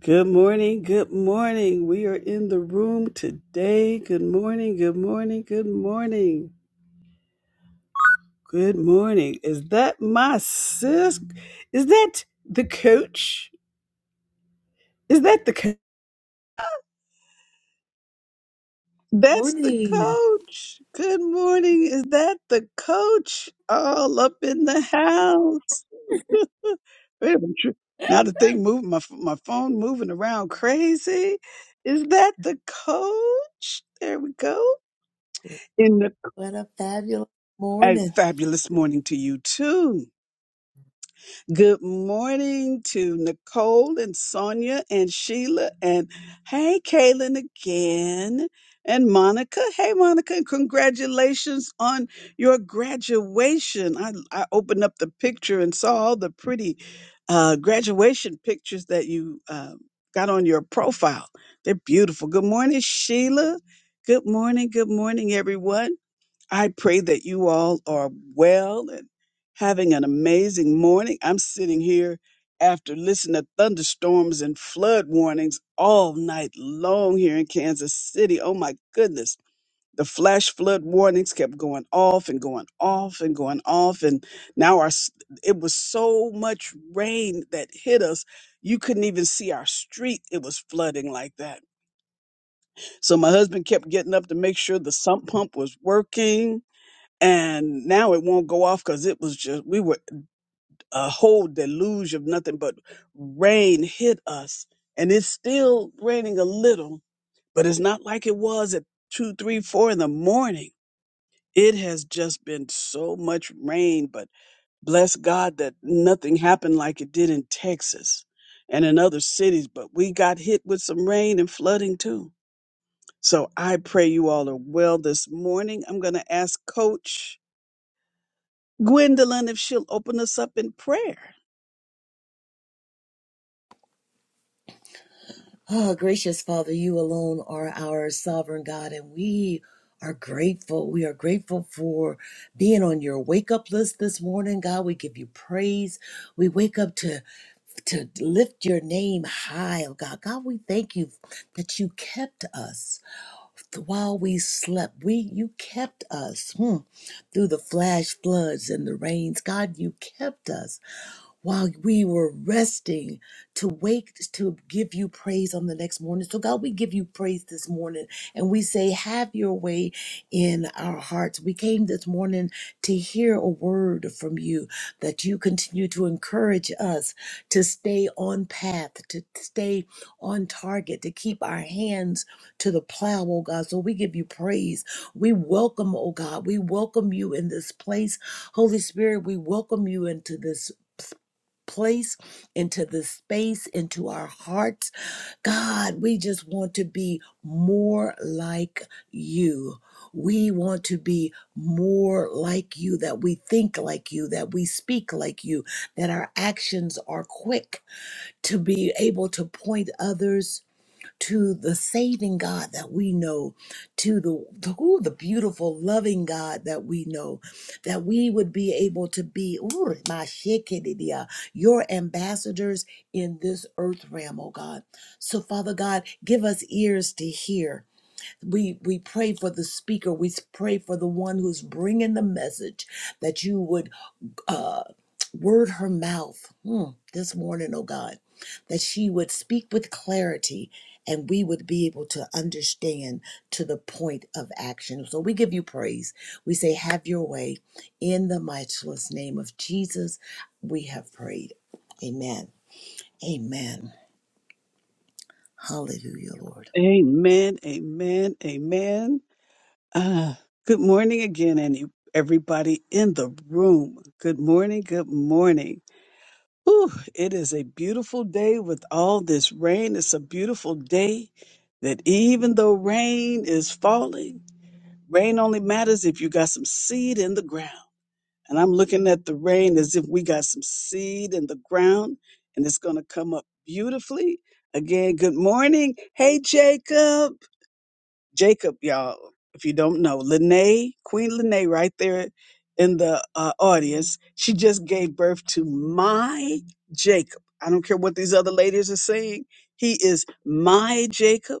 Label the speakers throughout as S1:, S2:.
S1: Good morning, good morning. We are in the room today. Good morning, good morning, good morning. Good morning. Is that my sis? Is that the coach? Is that the co- That's the
S2: Morning.
S1: coach. Good morning. Is that the coach? All up in the house. Wait a minute. Now the thing moving my my phone moving around crazy. Is that the coach? There we go in the.
S2: What a fabulous
S1: A
S2: morning.
S1: fabulous morning to you too. Good morning to Nicole and Sonia and Sheila and hey, Kaylin again and Monica. Hey, Monica, and congratulations on your graduation. I, I opened up the picture and saw all the pretty uh, graduation pictures that you uh, got on your profile. They're beautiful. Good morning, Sheila. Good morning. Good morning, everyone. I pray that you all are well and having an amazing morning. I'm sitting here after listening to thunderstorms and flood warnings all night long here in Kansas City. Oh my goodness. The flash flood warnings kept going off and going off and going off. And now our, s- it was so much rain that hit us. You couldn't even see our street. It was flooding like that. So my husband kept getting up to make sure the sump pump was working and now it won't go off because it was just we were a whole deluge of nothing but rain hit us and it's still raining a little but it's not like it was at two three four in the morning it has just been so much rain but bless god that nothing happened like it did in texas and in other cities but we got hit with some rain and flooding too so i pray you all are well this morning i'm going to ask coach Gwendolyn if she'll open us up in prayer.
S2: Oh, gracious Father, you alone are our sovereign God, and we are grateful. We are grateful for being on your wake up list this morning, God. We give you praise. We wake up to to lift your name high, oh God. God, we thank you that you kept us while we slept. We you kept us hmm, through the flash floods and the rains. God, you kept us. while we were resting to wake to give you praise on the next morning. So, God, we give you praise this morning and we say, Have your way in our hearts. We came this morning to hear a word from you that you continue to encourage us to stay on path, to stay on target, to keep our hands to the plow, oh God. So, we give you praise. We welcome, oh God, we welcome you in this place. Holy Spirit, we welcome you into this place, into the space, into our hearts. God, we just want to be more like you. We want to be more like you, that we think like you, that we speak like you, that our actions are quick to be able to point others to the saving God that we know, to the, the, ooh, the beautiful, loving God that we know, that we would be able to be ooh, my shekinah, your ambassadors in this earth realm, oh God. So, Father God, give us ears to hear. We, we pray for the speaker. We pray for the one who's bringing the message that you would uh, word her mouth hmm, this morning, oh God, that she would speak with clarity and we would be able to understand to the point of action. So we give you praise. We say, Have your way. In the matchless name of Jesus, we have prayed. Amen. Amen. Hallelujah, Lord.
S1: Amen, amen, amen. Ah, good morning again, and everybody in the room. Good morning, good morning. Whew, it is a beautiful day with all this rain. It's a beautiful day that even though rain is falling, rain only matters if you got some seed in the ground. And I'm looking at the rain as if we got some seed in the ground, and it's going to come up beautifully. Again, good morning. Hey, Jacob. Jacob, y'all, if you don't know, Lene, Queen Lene, right there in the uh, audience, she just gave birth to my Jacob. I don't care what these other ladies are saying. He is my Jacob,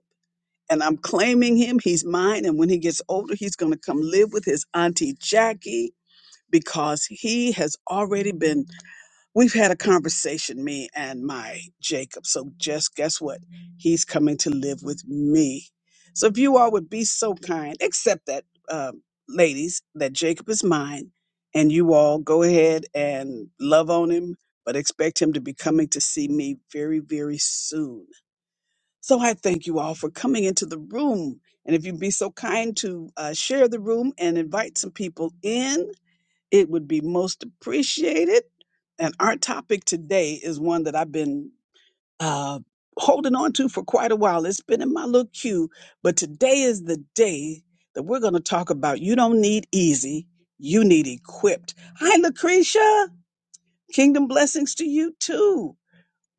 S1: and I'm claiming him. He's mine. And when he gets older, he's going to come live with his auntie Jackie because he has already been We've had a conversation, me and my Jacob. So just guess what? He's coming to live with me. So if you all would be so kind, accept that, um, ladies, that Jacob is mine, and you all go ahead and love on him, but expect him to be coming to see me very, very soon. So I thank you all for coming into the room. And if you'd be so kind to uh, share the room and invite some people in, it would be most appreciated. And our topic today is one that I've been uh, holding on to for quite a while. It's been in my little queue, but today is the day that we're going to talk about you don't need easy, you need equipped. Hi, Lucretia. Kingdom blessings to you too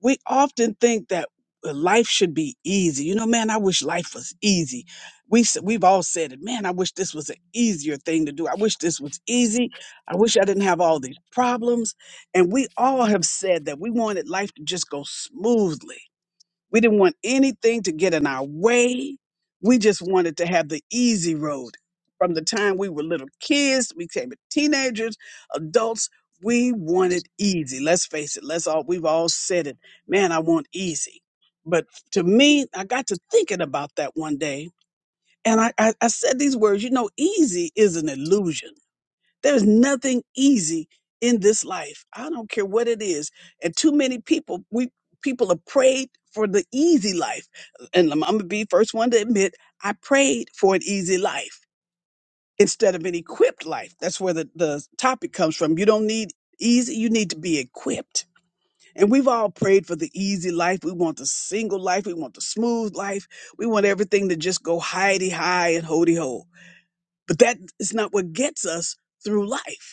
S1: we often think that uh, life should be easy. You know, man, I wish life was easy. We s- we've all said it, man. I wish this was an easier thing to do. I wish this was easy. I wish I didn't have all these problems. And we all have said that we wanted life to just go smoothly. We didn't want anything to get in our way. We just wanted to have the easy road. From the time we were little kids, we became teenagers, adults, we wanted easy. Let's face it, let's all we've all said it. Man, I want easy. But to me, I got to thinking about that one day. And I, I, I said these words, you know, easy is an illusion there's nothing easy in this life. I don't care what it is. And too many people, we people have prayed for the easy life. And I'm, gonna be first one to admit, I prayed for an easy life instead of an equipped life. That's where the, the topic comes from. You don't need easy, you need to be equipped. And we've all prayed for the easy life. We want the single life. We want the smooth life. We want everything to just go hidey high and hoity ho. But that is not what gets us through life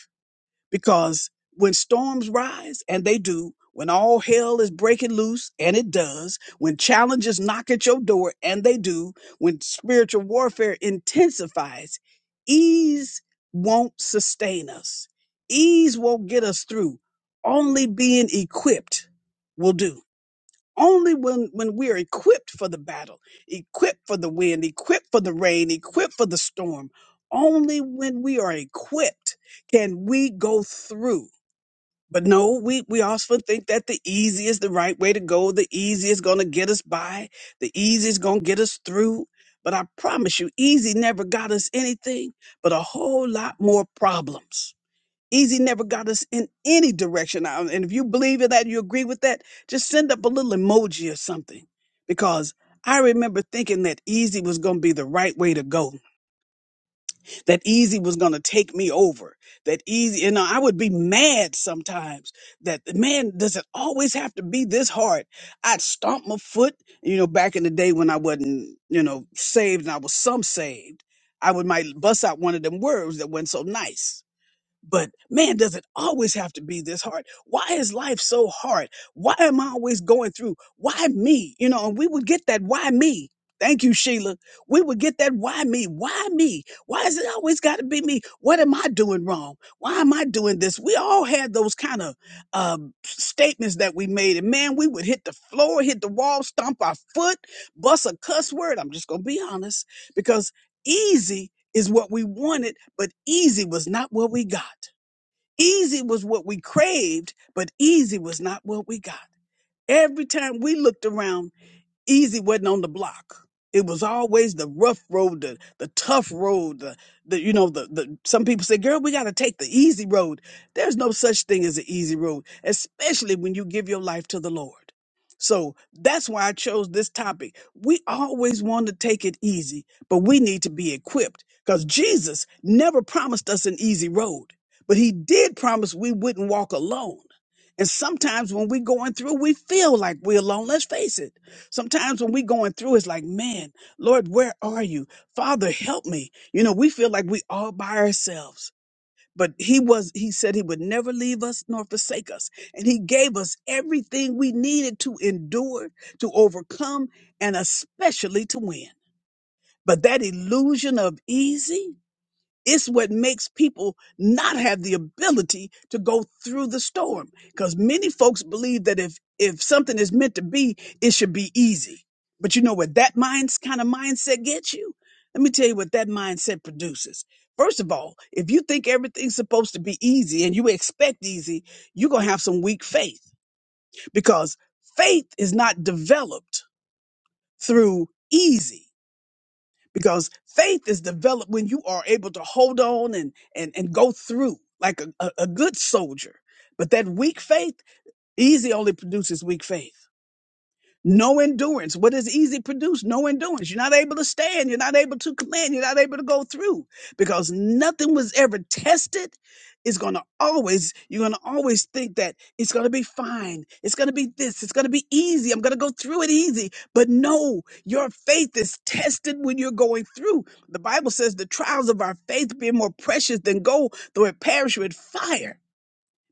S1: because when storms rise and they do when all hell is breaking loose and it does when challenges knock at your door and they do when spiritual warfare intensifies ease won't sustain us ease won't get us through only being equipped will do only when, when we're equipped for the battle, equipped for the wind, equipped for the rain, equipped for the storm, only when we are equipped can we go through. But no, we, we often think that the easy is the right way to go. The easy is going to get us by. The easy is going to get us through. But I promise you, easy never got us anything but a whole lot more problems. Easy never got us in any direction. Um, And if you believe in that, you agree with that, just send up a little emoji or something. Because I remember thinking that easy was going to be the right way to go, that easy was going to take me over, that easy, you know, I would be mad sometimes that, man, does it always have to be this hard? I'd stomp my foot. You know, back in the day when I wasn't, you know, saved and I was some saved, I would might bust out one of them words that wasn't so nice but man, does it always have to be this hard? Why is life so hard? Why am I always going through? Why me? You know, and we would get that why me. Thank you, Sheila. We would get that why me? Why me? Why is it always got to be me? What am I doing wrong? Why am I doing this? We all had those kind of um, statements that we made. And man, we would hit the floor, hit the wall, stomp our foot, bust a cuss word. I'm just going to be honest because. Easy is what we wanted, but easy was not what we got. Easy was what we craved, but easy was not what we got. Every time we looked around, easy wasn't on the block. It was always the rough road, the, the tough road, the, the you know, the, the some people say, girl, we gotta take the easy road. There's no such thing as an easy road, especially when you give your life to the Lord. So that's why I chose this topic. We always want to take it easy, but we need to be equipped because Jesus never promised us an easy road, but he did promise we wouldn't walk alone. And sometimes when we're going through, we feel like we're alone. Let's face it. Sometimes when we going through, it's like, man, Lord, where are you? Father, help me. You know, we feel like we all by ourselves. But he was, he said he would never leave us nor forsake us. And he gave us everything we needed to endure, to overcome, and especially to win. But that illusion of easy, it's what makes people not have the ability to go through the storm because many folks believe that if if something is meant to be, it should be easy. But you know what that mind's kind of mindset gets you? Let me tell you what that mindset produces. First of all, if you think everything's supposed to be easy and you expect easy, you're going to have some weak faith because faith is not developed through easy because faith is developed when you are able to hold on and and and go through like a, a, a good soldier but that weak faith easy only produces weak faith no endurance. What does easy produce? No endurance. You're not able to stand. You're not able to command. You're not able to go through because nothing was ever tested. It's going to always, you're going to always think that it's going to be fine. It's going to be this. It's going to be easy. I'm going to go through it easy. But no, your faith is tested when you're going through. The Bible says the trials of our faith being more precious than gold, though it perish with fire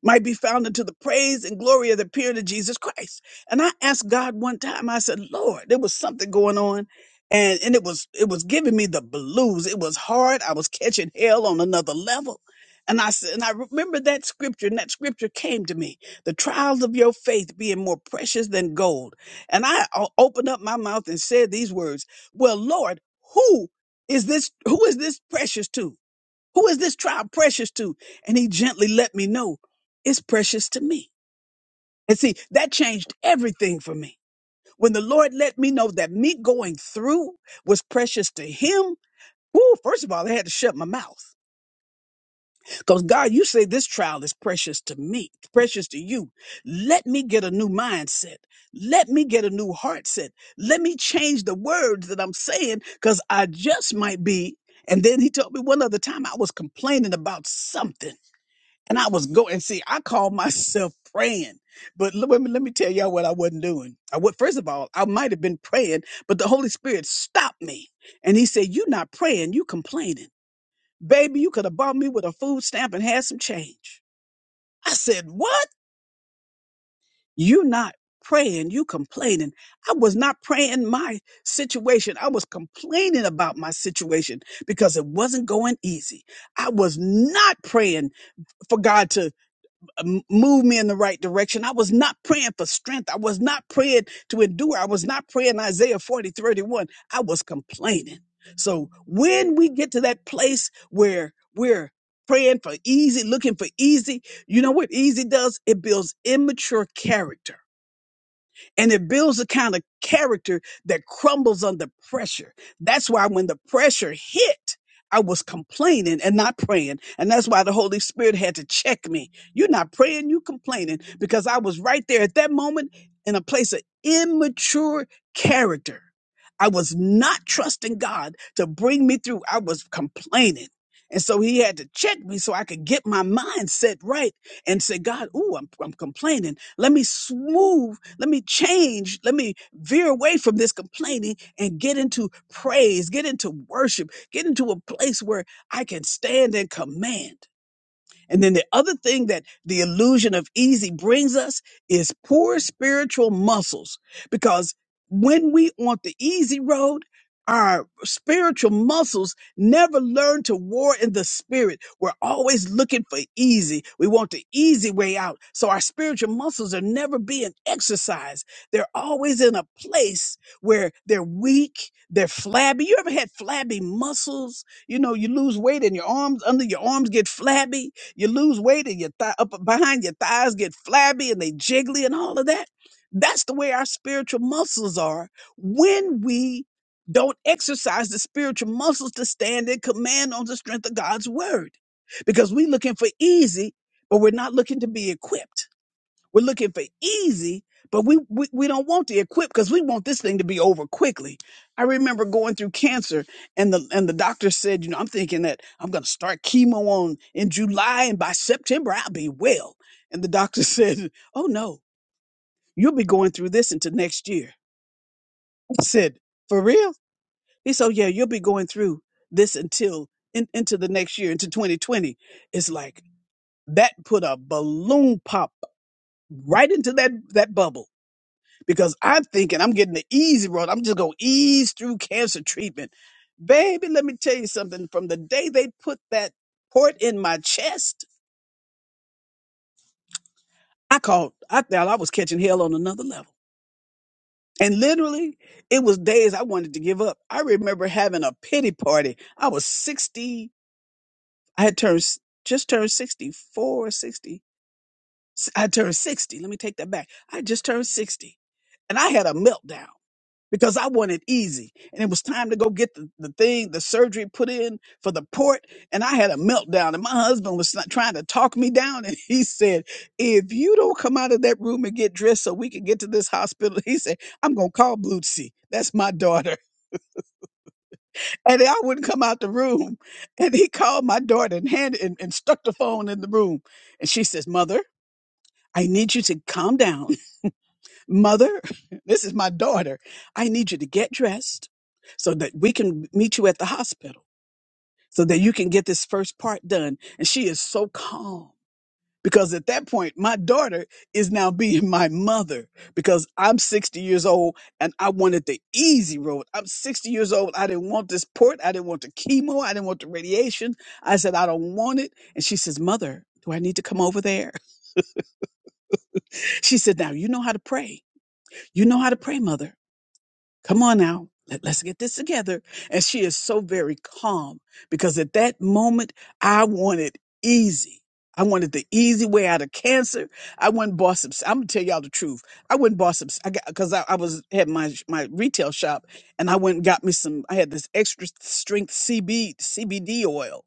S1: might be found unto the praise and glory of the appearing of Jesus Christ. And I asked God one time, I said, Lord, there was something going on. And, and it was it was giving me the blues. It was hard. I was catching hell on another level. And I said, and I remember that scripture, and that scripture came to me. The trials of your faith being more precious than gold. And I o- opened up my mouth and said these words, Well, Lord, who is this? Who is this precious to? Who is this trial precious to? And he gently let me know it's precious to me. And see, that changed everything for me. When the Lord let me know that me going through was precious to him, whoo, first of all, I had to shut my mouth. Because God, you say this trial is precious to me, precious to you. Let me get a new mindset. Let me get a new heart set. Let me change the words that I'm saying because I just might be. And then he told me one other time I was complaining about something. And I was going, see, I called myself praying. But l- let me, let me tell y'all what I wasn't doing. I would, first of all, I might have been praying, but the Holy Spirit stopped me. And he said, You're not praying, you complaining. Baby, you could have bought me with a food stamp and had some change. I said, What? you not praying, you complaining. I was not praying my situation. I was complaining about my situation because it wasn't going easy. I was not praying for God to move me in the right direction. I was not praying for strength. I was not praying to endure. I was not praying Isaiah 40 31. I was complaining. So when we get to that place where we're praying for easy, looking for easy, you know what easy does? It builds immature character and it builds a kind of character that crumbles under pressure. That's why when the pressure hit, I was complaining and not praying. And that's why the Holy Spirit had to check me. You're not praying, you complaining, because I was right there at that moment in a place of immature character. I was not trusting God to bring me through. I was complaining. And so he had to check me so I could get my mindset right and say, God, ooh, I'm, I'm complaining. Let me smooth, let me change, let me veer away from this complaining and get into praise, get into worship, get into a place where I can stand and command. And then the other thing that the illusion of easy brings us is poor spiritual muscles. Because when we on the easy road, our spiritual muscles never learn to war in the spirit. We're always looking for easy. We want the easy way out. So our spiritual muscles are never being exercised. They're always in a place where they're weak, they're flabby. You ever had flabby muscles? You know, you lose weight and your arms under your arms get flabby you lose weight and your thigh up behind your thighs get flabby and they jiggly and all of that. That's the way our spiritual muscles are when we don't exercise the spiritual muscles to stand and command on the strength of God's word. Because we're looking for easy, but we're not looking to be equipped. We're looking for easy, but we, we, we don't want the equip because we want this thing to be over quickly. I remember going through cancer and the and the doctor said, you know, I'm thinking that I'm gonna start chemo on in July and by September I'll be well. And the doctor said, Oh no, you'll be going through this into next year. I said, For real? He said, "Oh, Yeah, you'll be going through this until in, into the next year, into 2020. It's like that put a balloon pop right into that that bubble because I'm thinking I'm getting the easy road. I'm just gonna ease through cancer treatment. Baby, let me tell you something. From the day they put that port in my chest, I called, I thought I was catching hell on another level. And literally, it was days I wanted to give up. I remember having a pity party. I was 60, I had turned just turned 64, 60. I turned 60. Let me take that back. I just turned 60. And I had a meltdown. because I wanted easy. And it was time to go get the, the thing, the surgery put in for the port. And I had a meltdown. And my husband was not trying to talk me down. And he said, If you don't come out of that room and get dressed so we can get to this hospital, he said, I'm going to call Bootsy. That's my daughter. And I wouldn't come out the room. And he called my daughter and handed and, and stuck the phone in the room. And she says, Mother, I need you to calm down Mother, this is my daughter. I need you to get dressed so that we can meet you at the hospital so that you can get this first part done. And she is so calm because at that point, my daughter is now being my mother because I'm 60 years old and I wanted the easy road. I'm 60 years old. I didn't want this port. I didn't want the chemo. I didn't want the radiation. I said, I don't want it. And she says, Mother, do I need to come over there? She said, Now you know how to pray. You know how to pray, Mother. come on now Let, us get this together and she is so very calm because at that moment i wanted easy i wanted the easy way out of cancer i went and bought some i'm gonna tell y'all the truth i went and bought some i got because I, I was had my my retail shop and i went and got me some i had this extra strength cb cbd oil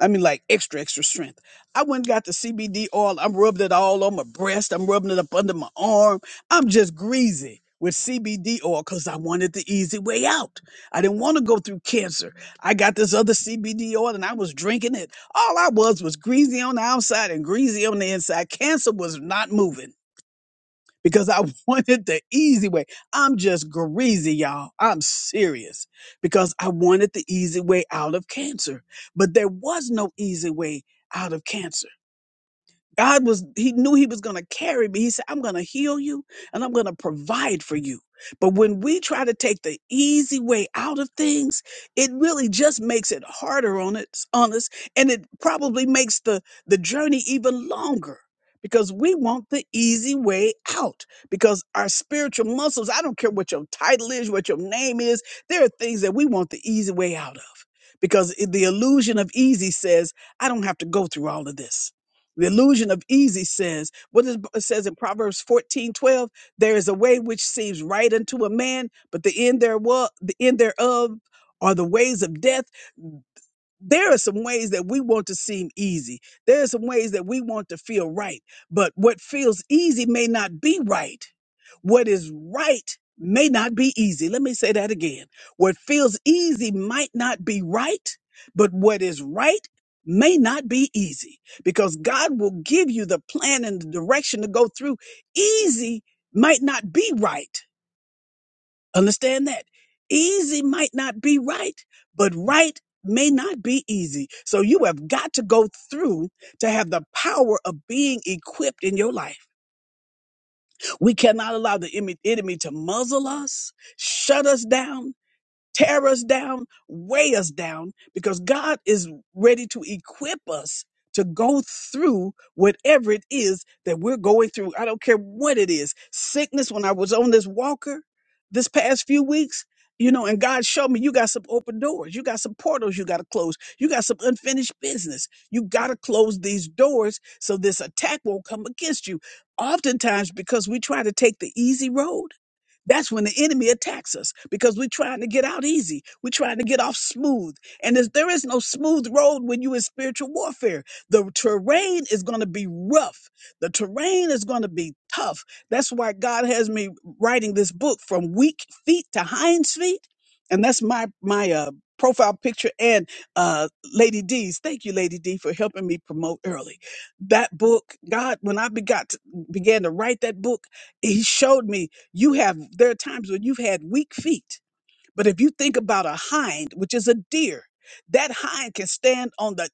S1: I mean, like extra, extra strength. I went and got the CBD oil. I'm rubbing it all on my breast. I'm rubbing it up under my arm. I'm just greasy with CBD oil because I wanted the easy way out. I didn't want to go through cancer. I got this other CBD oil and I was drinking it. All I was was greasy on the outside and greasy on the inside. Cancer was not moving because I wanted the easy way. I'm just greasy, y'all. I'm serious because I wanted the easy way out of cancer, but there was no easy way out of cancer. God was, he knew he was going to carry me. He said, I'm going to heal you and I'm going to provide for you. But when we try to take the easy way out of things, it really just makes it harder on us, on us. And it probably makes the, the journey even longer because we want the easy way out because our spiritual muscles, I don't care what your title is, what your name is, there are things that we want the easy way out of because the illusion of easy says, I don't have to go through all of this. The illusion of easy says, what is, it says in Proverbs 14 12? there is a way which seems right unto a man, but the end thereof, the end thereof are the ways of death there are some ways that we want to seem easy. There are some ways that we want to feel right. But what feels easy may not be right. What is right may not be easy. Let me say that again. What feels easy might not be right, but what is right may not be easy because God will give you the plan and the direction to go through. Easy might not be right Understand that. Easy might not be right, but right may not be easy. So you have got to go through to have the power of being equipped in your life. We cannot allow the emi- enemy to muzzle us, shut us down, tear us down, weigh us down, because God is ready to equip us to go through whatever it is that we're going through. I don't care what it is. Sickness, when I was on this walker this past few weeks, you know, and God showed me you got some open doors, you got some portals you got to close, you got some unfinished business. You got to close these doors so this attack won't come against you. Oftentimes, because we try to take the easy road, that's when the enemy attacks us because we're trying to get out easy. We're trying to get off smooth. And there's- there is no smooth road when you're in spiritual warfare. The terrain is going to be rough, the terrain is going to be tough. That's why God has me writing this book from weak feet to hinds feet. And that's my, my, uh, profile picture and uh lady d's thank you lady d for helping me promote early that book god when i begot began to write that book he showed me you have, there are times when you've had weak feet, but if you think about a hind, which is a deer, that hind can stand on the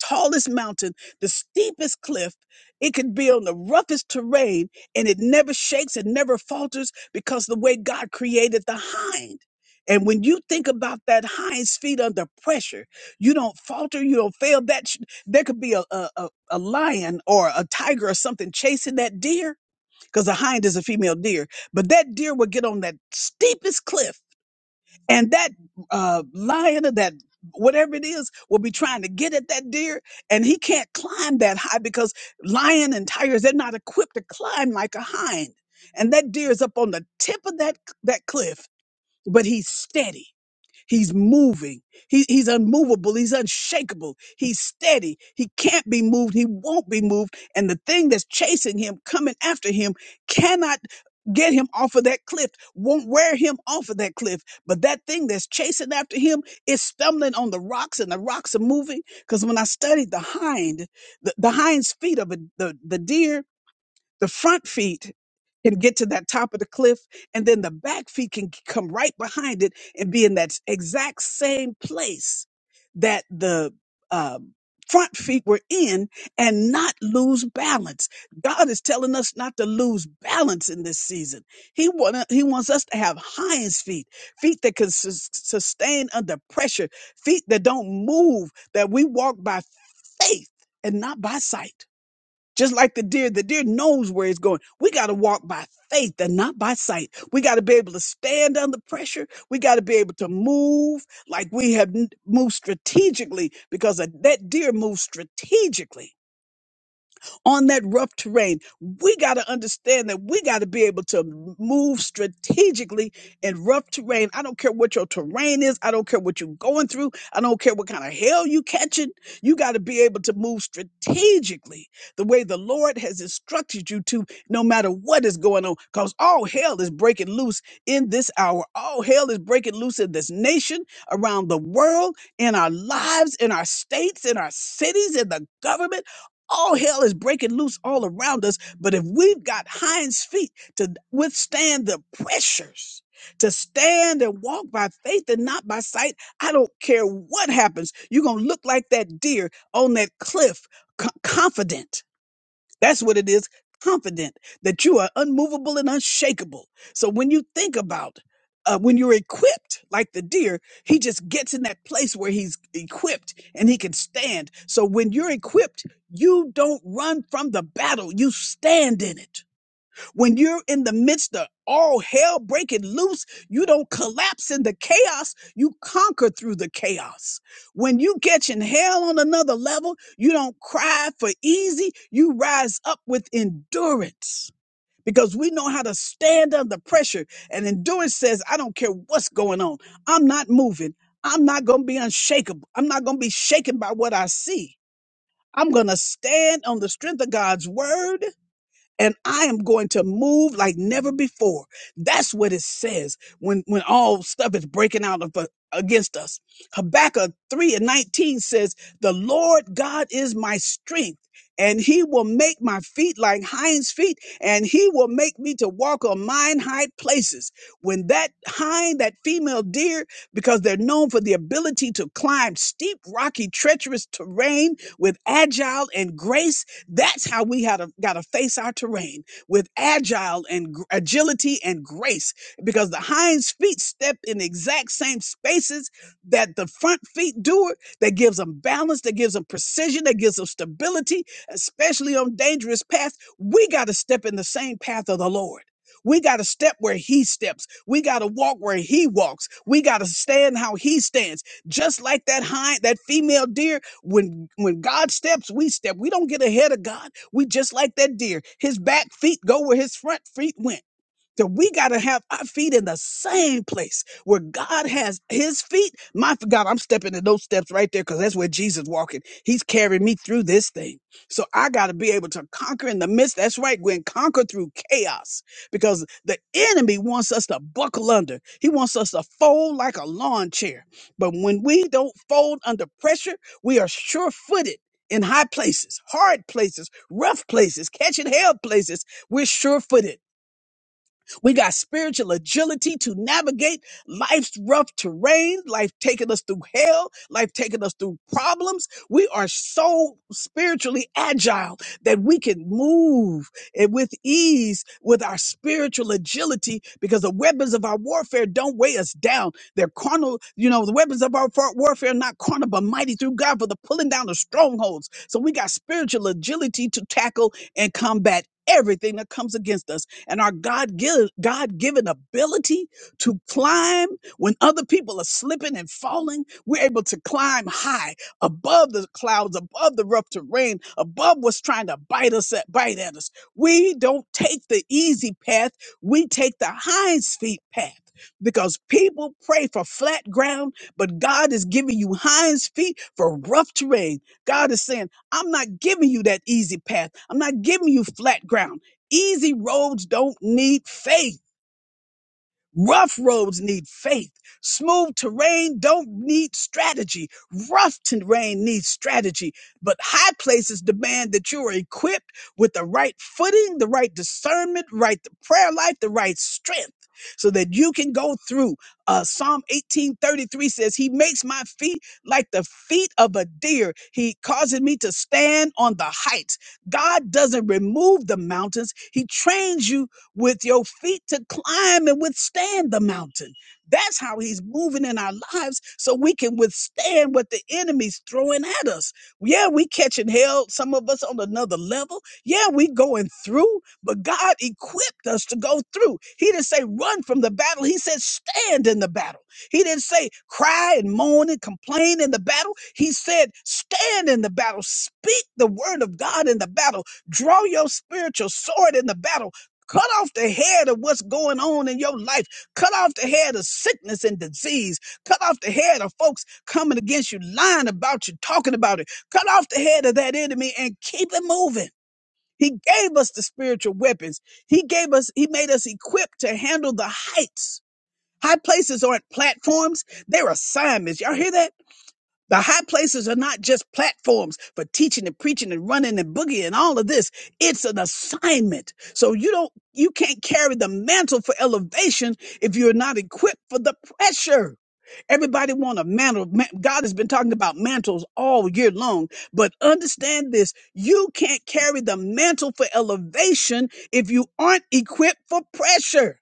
S1: tallest mountain, the steepest cliff. It could be on the roughest terrain and it never shakes, it never falters because the way God created the hind. And when you think about that hind's feet under pressure, you don't falter, you don't fail. That sh- there could be a, a a a lion or a tiger or something chasing that deer, because a hind is a female deer. But that deer would get on that steepest cliff, and that uh, lion or that whatever it is will be trying to get at that deer, and he can't climb that high because lion and tigers they're not equipped to climb like a hind. And that deer is up on the tip of that that cliff, but he's steady He's moving. He, he's unmovable. He's unshakable. He's steady. He can't be moved. He won't be moved. And the thing that's chasing him, coming after him, cannot get him off of that cliff, won't wear him off of that cliff. But that thing that's chasing after him is stumbling on the rocks and the rocks are moving. Because when I studied the hind, the, the hind's feet of a, the, the deer the front feet can get to that top of the cliff, and then the back feet can come right behind it and be in that s- exact same place that the um, front feet were in and not lose balance. God is telling us not to lose balance in this season. He, want, he wants us to have hinds feet, feet that can sus- sustain under pressure, feet that don't move, that we walk by faith and not by sight. Just like the deer, the deer knows where it's going. We got to walk by faith and not by sight. We got to be able to stand under pressure. We got to be able to move like we have n- moved strategically because a- that deer moves strategically on that rough terrain. We got to understand that we got to be able to move strategically in rough terrain. I don't care what your terrain is. I don't care what you're going through. I don't care what kind of hell you catching. You got to be able to move strategically the way the Lord has instructed you to, no matter what is going on, because all hell is breaking loose in this hour. All hell is breaking loose in this nation, around the world, in our lives, in our states, in our cities, in the government. All hell is breaking loose all around us, but if we've got hinds feet to withstand the pressures, to stand and walk by faith and not by sight, I don't care what happens. You're going to look like that deer on that cliff, co- confident that's what it is. Confident that you are unmovable and unshakable. So when you think about uh, when you're equipped like the deer, he just gets in that place where he's equipped and he can stand. So when you're equipped, you don't run from the battle, you stand in it. When you're in the midst of all hell breaking loose, you don't collapse in the chaos. You conquer through the chaos. When you catching hell on another level, you don't cry for easy. You rise up with endurance because we know how to stand under pressure. And endurance says, I don't care what's going on. I'm not moving. I'm not going to be unshakable. I'm not going to be shaken by what I see. I'm going to stand on the strength of God's word and I am going to move like never before. That's what it says when when all stuff is breaking out of, uh, against us. Habakkuk 3 and 19 says, The Lord God is my strength, and he will make my feet like hinds' feet, and he will make me to walk on mine high places. When that hind, that female deer, because they're known for the ability to climb steep, rocky, treacherous terrain with agile and grace that's how we had got to face our terrain with agile and gr- agility and grace, because the hind feet step in the exact same spaces that the front feet do it. That gives them balance, that gives them precision, that gives them stability, especially on dangerous paths. We got to step in the same path of the Lord. We got to step where he steps. We got to walk where he walks. We got to stand how he stands. Just like that hind, that female deer, when when God steps, we step. We don't get ahead of God. We just like that deer. His back feet go where his front feet went. So we got to have our feet in the same place where God has his feet. My God, I'm stepping in those steps right there because that's where Jesus walking. He's carrying me through this thing. So I got to be able to conquer in the midst. That's right, Gwen, conquer through chaos because the enemy wants us to buckle under. He wants us to fold like a lawn chair. But when we don't fold under pressure, we are sure footed. In high places, hard places, rough places, catching hell places, we're sure footed we got spiritual agility to navigate life's rough terrain, life taking us through hell, life taking us through problems. We are so spiritually agile that we can move and with ease with our spiritual agility because the weapons of our warfare don't weigh us down. They're carnal, you know, the weapons of our fa- warfare are not carnal, but mighty through God for the pulling down of strongholds. So we got spiritual agility to tackle and combat everything that comes against us and our God give, God given ability to climb when other people are slipping and falling. We're able to climb high above the clouds, above the rough terrain, above what's trying to bite us at bite at us. We don't take the easy path. We take the hinds feet path. Because people pray for flat ground, but God is giving you hinds feet for rough terrain. God is saying, I'm not giving you that easy path. I'm not giving you flat ground. Easy roads don't need faith. Rough roads need faith. Smooth terrain don't need strategy. Rough terrain needs strategy. But high places demand that you are equipped with the right footing, the right discernment, right the prayer life, the right strength. So that you can go through. Uh, Psalm 18:33 says, He makes my feet like the feet of a deer. He causes me to stand on the heights. God doesn't remove the mountains. He trains you with your feet to climb and withstand the mountain. That's how he's moving in our lives so we can withstand what the enemy's throwing at us. Yeah, we catching hell, some of us on another level. Yeah, we going through, but God equipped us to go through. He didn't say run from the battle. He said stand in the battle. He didn't say cry and moan and complain in the battle. He said stand in the battle. Speak the word of God in the battle. Draw your spiritual sword in the battle Cut off the head of what's going on in your life. Cut off the head of sickness and disease. Cut off the head of folks coming against you, lying about you, talking about it. Cut off the head of that enemy and keep it moving. He gave us the spiritual weapons. He gave us, he made us equipped to handle the heights. High places aren't platforms, they're assignments. Y'all hear that? The high places are not just platforms for teaching and preaching and running and boogieing and all of this. It's an assignment. So you don't, you can't carry the mantle for elevation if you're not equipped for the pressure. Everybody want a mantle. Ma- God has been talking about mantles all year long, but understand this. You can't carry the mantle for elevation if you aren't equipped for pressure.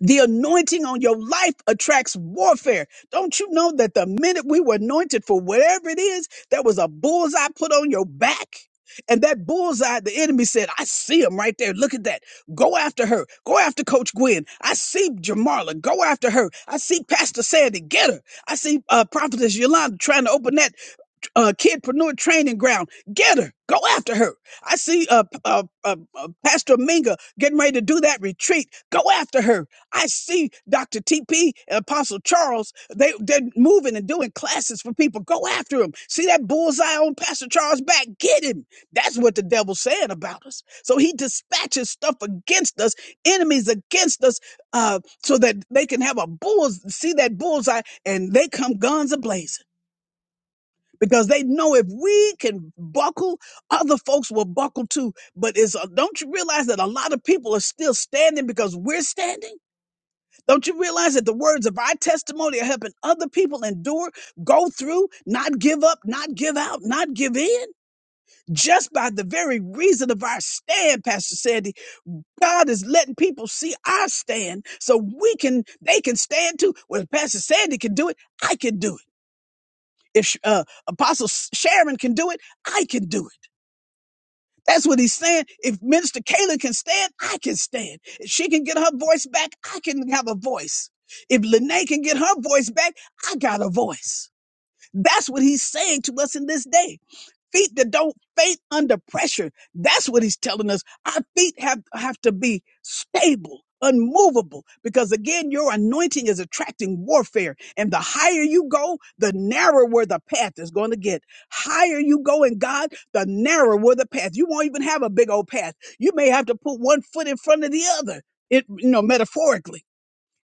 S1: The anointing on your life attracts warfare. Don't you know that the minute we were anointed for whatever it is, there was a bullseye put on your back? And that bullseye, the enemy said, I see him right there. Look at that. Go after her. Go after Coach Gwen. I see Jamarla. Go after her. I see Pastor Sandy. Get her. I see uh, Prophetess Yolanda trying to open that uh, kidpreneur training ground. Get her. Go after her. I see uh, p- uh, uh, uh, Pastor Minga getting ready to do that retreat. Go after her. I see Dr. TP and Apostle Charles. They, they're moving and doing classes for people. Go after them. See that bullseye on Pastor Charles' back? Get him. That's what the devil's saying about us. So he dispatches stuff against us, enemies against us, uh, so that they can have a bull's see that bullseye and they come guns ablazing because they know if we can buckle, other folks will buckle too. But it's, uh, don't you realize that a lot of people are still standing because we're standing? Don't you realize that the words of our testimony are helping other people endure, go through, not give up, not give out, not give in? Just by the very reason of our stand, Pastor Sandy, God is letting people see our stand so we can, they can stand too. Well, if Pastor Sandy can do it, I can do it. If sh- uh, Apostle Sharon can do it, I can do it. That's what he's saying. If Minister Kayla can stand, I can stand. If she can get her voice back, I can have a voice. If Lene can get her voice back, I got a voice. That's what he's saying to us in this day feet that don't faint under pressure. That's what he's telling us. Our feet have, have to be stable, unmovable, because again, your anointing is attracting warfare. And the higher you go, the narrower the path is going to get. Higher you go in God, the narrower the path. You won't even have a big old path. You may have to put one foot in front of the other, it, you know, metaphorically.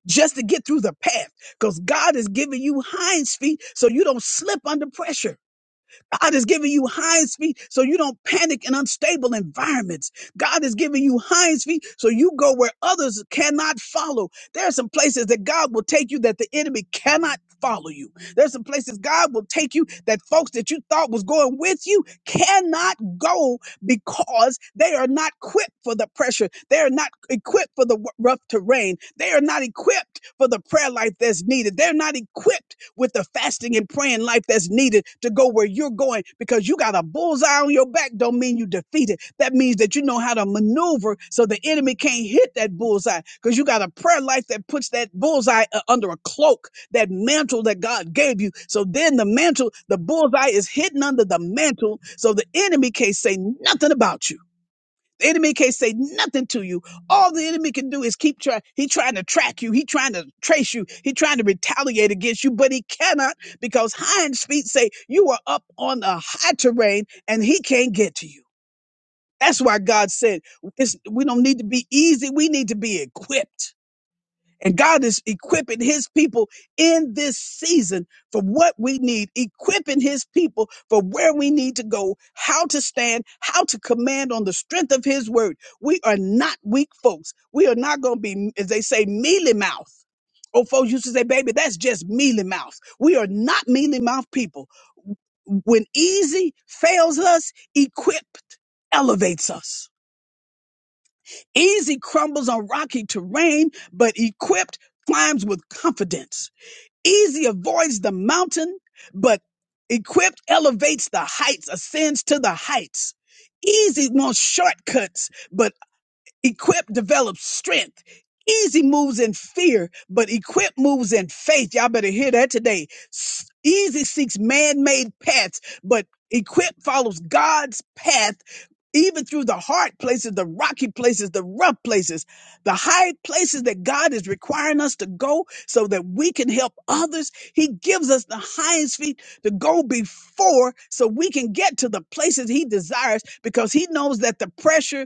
S1: Just to get through the path, because God is giving you hinds feet so you don't slip under pressure. God is giving you hinds feet so you don't panic in unstable environments. God is giving you hinds feet so you go where others cannot follow. There are some places that God will take you that the enemy cannot follow you. There's some places God will take you that folks that you thought was going with you cannot go because they are not equipped for the pressure. They are not equipped for the w- rough terrain. They are not equipped for the prayer life that's needed. They're not equipped with the fasting and praying life that's needed to go where you're going because you got a bullseye on your back don't mean you defeated that means that you know how to maneuver so the enemy can't hit that bullseye because you got a prayer life that puts that bullseye uh, under a cloak that mantle that god gave you so then the mantle the bullseye is hidden under the mantle so the enemy can't say nothing about you the enemy can't say nothing to you. All the enemy can do is keep trying. He trying to track you. He trying to trace you. He trying to retaliate against you, but he cannot because hinds feet say you are up on a high terrain and he can't get to you. That's why God said it's, we don't need to be easy. We need to be equipped. And God is equipping his people in this season for what we need, equipping his people for where we need to go, how to stand, how to command on the strength of his word. We are not weak folks. We are not going to be, as they say, mealy mouth. Old folks used to say, baby, that's just mealy mouth. We are not mealy mouth people. When easy fails us, equipped elevates us. Easy crumbles on rocky terrain, but equipped climbs with confidence. Easy avoids the mountain, but equipped elevates the heights, ascends to the heights. Easy wants shortcuts, but Equip develops strength. Easy moves in fear, but equip moves in faith. Y'all better hear that today. S- Easy seeks man-made paths, but equip follows God's path even through the hard places, the rocky places, the rough places, the high places that God is requiring us to go so that we can help others. He gives us the highest feet to go before so we can get to the places he desires because he knows that the pressure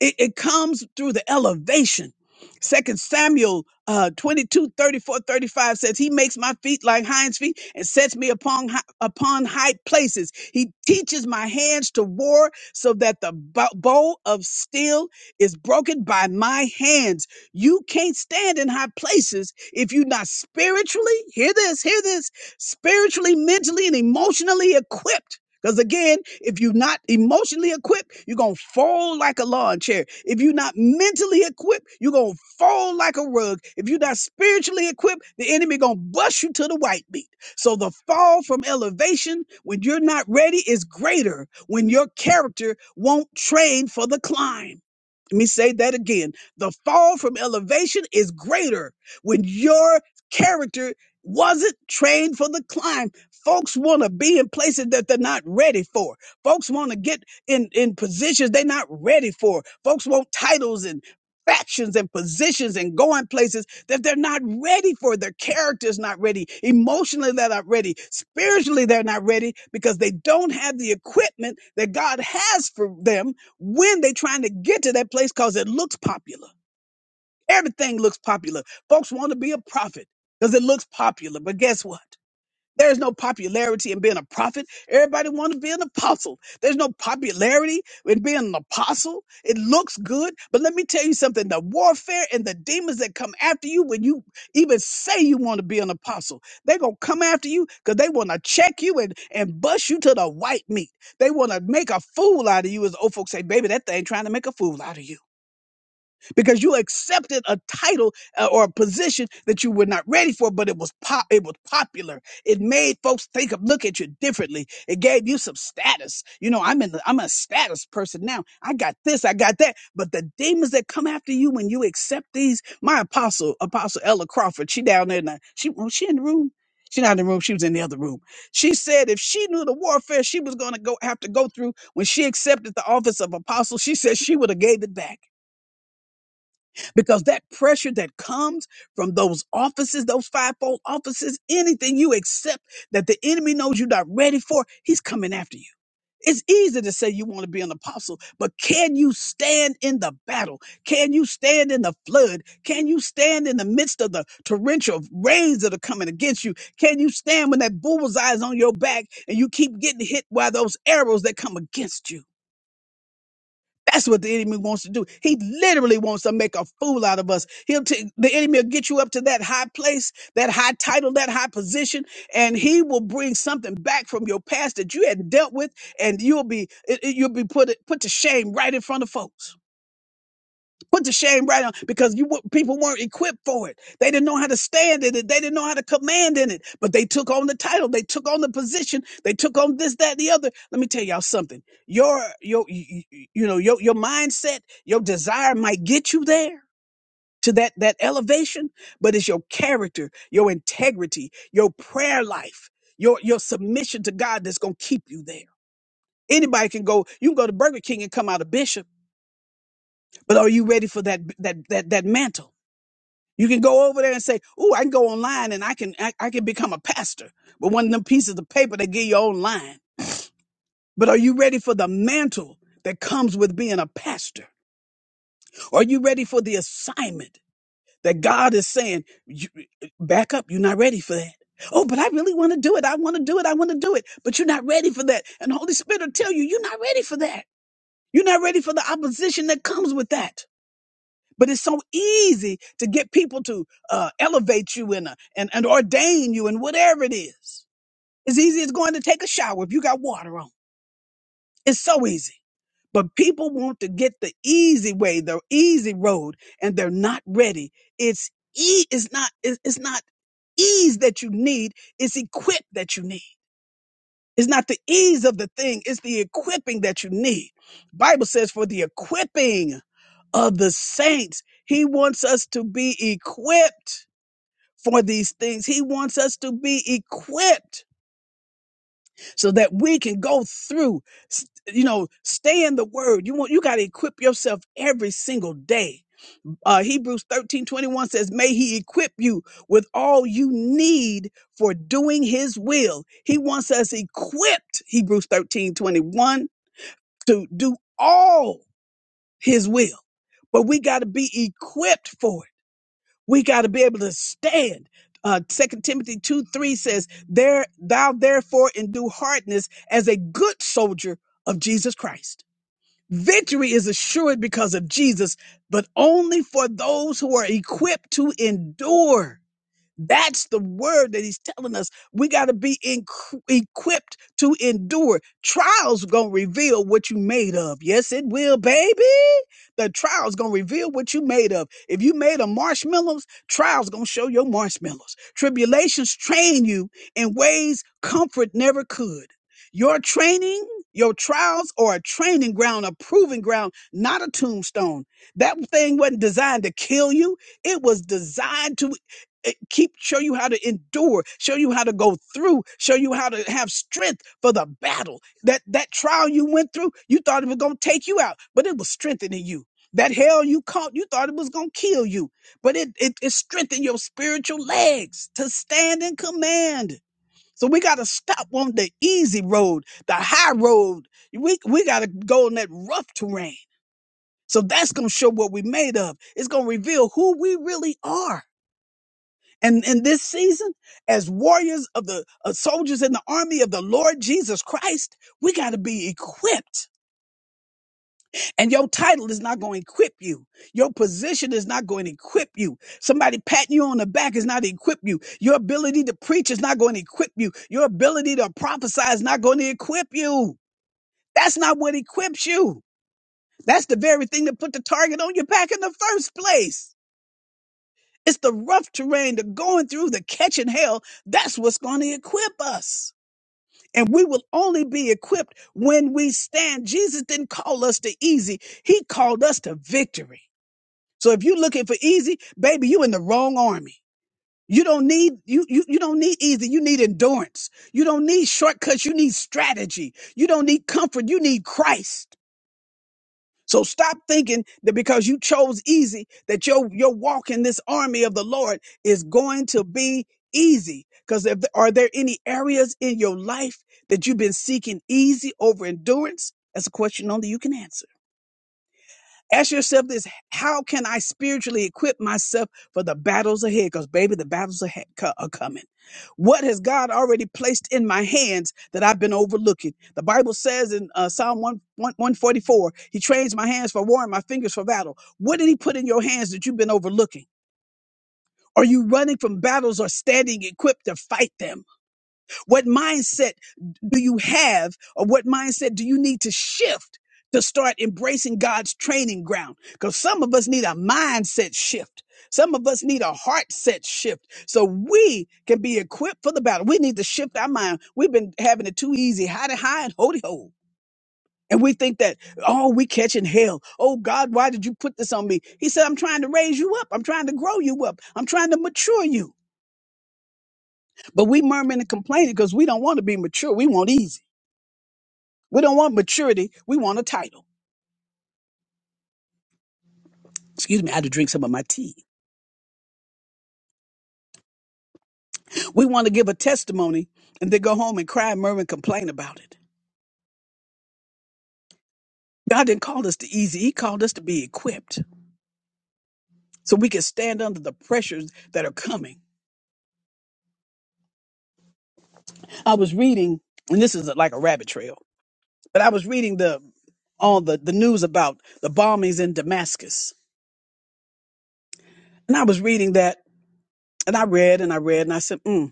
S1: it, it comes through the elevation. Second Samuel uh, 22, thirty-four, thirty-five says, He makes my feet like hinds feet and sets me upon hi- upon high places. He teaches my hands to war so that the bo- bow of steel is broken by my hands. You can't stand in high places if you're not spiritually, hear this, hear this, spiritually, mentally, and emotionally equipped because again, if you're not emotionally equipped, you're going to fall like a lawn chair. If you're not mentally equipped, you're going to fall like a rug. If you're not spiritually equipped, the enemy going to bust you to the white meat. So the fall from elevation when you're not ready is greater when your character won't train for the climb. Let me say that again. The fall from elevation is greater when your character wasn't trained for the climb Folks want to be in places that they're not ready for. Folks want to get in, in positions they're not ready for. Folks want titles and factions and positions and going places that they're not ready for. Their character's not ready. Emotionally, they're not ready. Spiritually, they're not ready because they don't have the equipment that God has for them when they're trying to get to that place because it looks popular. Everything looks popular. Folks want to be a prophet because it looks popular. But guess what? There's no popularity in being a prophet. Everybody want to be an apostle. There's no popularity in being an apostle. It looks good, but let me tell you something: the warfare and the demons that come after you when you even say you want to be an apostle, they're gonna come after you because they want to check you and and bust you to the white meat. They want to make a fool out of you, as old folks say. Baby, that thing trying to make a fool out of you because you accepted a title uh, or a position that you were not ready for, but it was pop, it was popular. It made folks think of look at you differently. It gave you some status. You know, I'm in the, I'm a status person now. I got this, I got that. But the demons that come after you when you accept these, my apostle, Apostle Ella Crawford, she down there now. She well, she in the room. She not in the room. She was in the other room. She said if she knew the warfare she was going to go have to go through when she accepted the office of apostle, she said she would have gave it back because that pressure that comes from those offices, those fivefold offices, anything you accept that the enemy knows you're not ready for, he's coming after you. It's easy to say you want to be an apostle, but can you stand in the battle? Can you stand in the flood? Can you stand in the midst of the torrential rains that are coming against you? Can you stand when that bullseye is on your back and you keep getting hit by those arrows that come against you? That's what the enemy wants to do. He literally wants to make a fool out of us. He'll t- the enemy will get you up to that high place, that high title, that high position, and he will bring something back from your past that you had dealt with, and you'll be it- it- you'll be put put to shame right in front of folks. Put the shame right on because you wa- people weren't equipped for it. They didn't know how to stand in it. They didn't know how to command in it. But they took on the title. They took on the position. They took on this, that, and the other. Let me tell y'all something. Your your you, you know your your mindset, your desire might get you there to that that elevation, but it's your character, your integrity, your prayer life, your your submission to God that's gonna keep you there. Anybody can go. You can go to Burger King and come out a bishop, but are you ready for that that that that mantle? You can go over there and say, "Ooh, I can go online and I can I, I can become a pastor." But one of them pieces of paper they give you online. But are you ready for the mantle that comes with being a pastor? Are you ready for the assignment that God is saying, you, "Back up, you're not ready for that." Oh, but I really want to do it. I want to do it. I want to do it. But you're not ready for that. And the Holy Spirit will tell you, you're not ready for that. You're not ready for the opposition that comes with that. But it's so easy to get people to uh, elevate you and, uh, and and ordain you and whatever it is. It's easy as going to take a shower if you got water on. It's so easy. But people want to get the easy way, the easy road, and they're not ready. It's e- it's not it's it's not ease that you need. It's equip that you need. It's not the ease of the thing. It's the equipping that you need. Bible says for the equipping of the saints. He wants us to be equipped for these things. He wants us to be equipped so that we can go through, s- you know, stay in the word. You want, you got to equip yourself every single day. Uh, Hebrews 13 21 says, may he equip you with all you need for doing his will. He wants us equipped, Hebrews 13 21 to do all his will, but we got to be equipped for it. We got to be able to stand. Uh, 2 Timothy 2 3 says, there, Thou therefore endure hardness as a good soldier of Jesus Christ. Victory is assured because of Jesus, but only for those who are equipped to endure. That's the word that he's telling us. We got to be in, equipped to endure. Trials going to reveal what you made of. Yes, it will, baby. The trials going to reveal what you made of. If you made of marshmallows, trials going to show your marshmallows. Tribulations train you in ways comfort never could. Your training, your trials are a training ground, a proving ground, not a tombstone. That thing wasn't designed to kill you. It was designed to eh, keep show you how to endure show you how to go through show you how to have strength for the battle that that trial you went through you thought it was going to take you out but it was strengthening you that hell you caught you thought it was going to kill you but it, it it strengthened your spiritual legs to stand in command so we got to stop on the easy road the high road we we got to go on that rough terrain so that's going to show what we made of it's going to reveal who we really are and in this season, as warriors of the uh, soldiers in the army of the Lord Jesus Christ, we got to be equipped. And your title is not going to equip you. Your position is not going to equip you. Somebody patting you on the back is not equip you. Your ability to preach is not going to equip you. Your ability to prophesy is not going to equip you. That's not what equips you. That's the very thing that put the target on your back in the first place. It's the rough terrain, the going through, the catching hell. That's what's going to equip us. And we will only be equipped when we stand. Jesus didn't call us to easy. He called us to victory. So if you're looking for easy, baby, you in the wrong army. You don't need you, you you don't need easy. You need endurance. You don't need shortcuts. You need strategy. You don't need comfort. You need Christ. So stop thinking that because you chose easy, that your your walk in this army of the Lord is going to be easy. Because if are there any areas in your life that you've been seeking easy over endurance? That's a question only you can answer. Ask yourself this how can I spiritually equip myself for the battles ahead? Because, baby, the battles ahead co- are coming. What has God already placed in my hands that I've been overlooking? The Bible says in uh, Psalm 1, 1 144, He trains my hands for war and my fingers for battle. What did He put in your hands that you've been overlooking? Are you running from battles or standing equipped to fight them? What mindset do you have or what mindset do you need to shift to start embracing God's training ground? Because some of us need a mindset shift. Some of us need a heart set shift so we can be equipped for the battle. We need to shift our mind. We've been having it too easy, hidey high and holy ho. And we think that, oh, we catching hell. Oh God, why did you put this on me? He said, I'm trying to raise you up. I'm trying to grow you up. I'm trying to mature you. But we murmuring and complaining because we don't want to be mature. We want easy. We don't want maturity. We want a title. Excuse me, I had to drink some of my tea. We want to give a testimony and then go home and cry and murmur and complain about it. God didn't call us to easy. He called us to be equipped so we can stand under the pressures that are coming. I was reading, and this is like a rabbit trail, but I was reading the all the, the news about the bombings in Damascus. And I was reading that, and I read and I read, and I said, mm.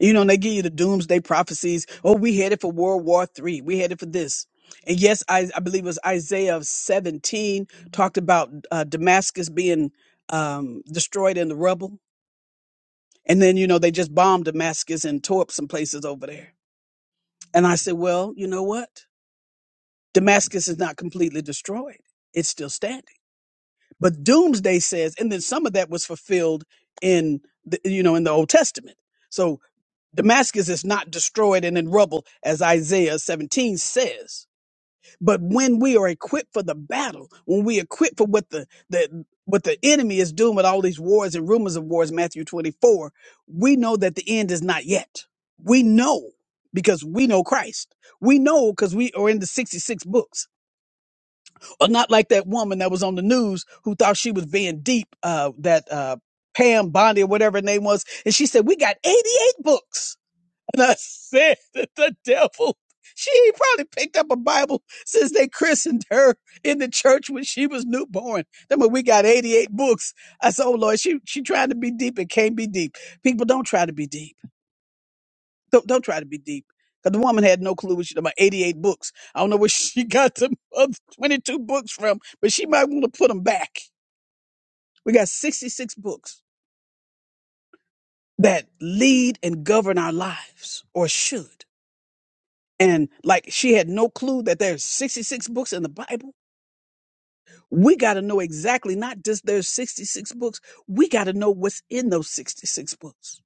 S1: You know, and they give you the doomsday prophecies. Oh, we headed for World War Three. We headed for this. And yes, I, I believe it was Isaiah 17 talked about uh, Damascus being um, destroyed in the rubble. And then, you know, they just bombed Damascus and tore up some places over there. And I said, well, you know what? Damascus is not completely destroyed. It's still standing. But doomsday says, and then some of that was fulfilled in, the, you know, in the Old Testament. So Damascus is not destroyed and in rubble, as Isaiah 17 says. But when we are equipped for the battle, when we equipped for what the, the what the enemy is doing with all these wars and rumors of wars, Matthew 24, we know that the end is not yet. We know because we know Christ. We know because we are in the 66 books. Or not like that woman that was on the news who thought she was being deep, uh, that uh, Pam Bondi or whatever her name was. And she said, We got 88 books and I said that the devil, she probably picked up a Bible since they christened her in the church when she was newborn. Then when we got 88 books, I said, oh Lord, she, she trying to be deep. It can't be deep. People don't try to be deep. Don't, don't try to be deep. Because the woman had no clue what she about 88 books. I don't know where she got the other 22 books from, but she might want to put them back. We got 66 books that lead and govern our lives or should. and like she had no clue that there's 66 books in the bible we got to know exactly not just there's 66 books we got to know what's in those 66 books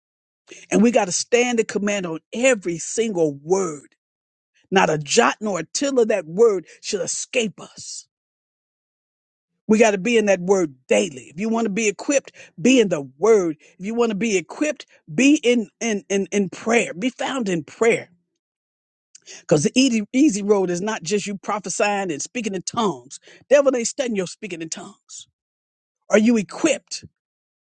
S1: and we got to stand the command on every single word not a jot nor a tittle of that word should escape us we got to be in that word daily if you want to be equipped be in the word if you want to be equipped be in in in, in prayer be found in prayer Because the easy, easy road is not just you prophesying and speaking in tongues. Devil ain't studying your speaking in tongues. Are you equipped?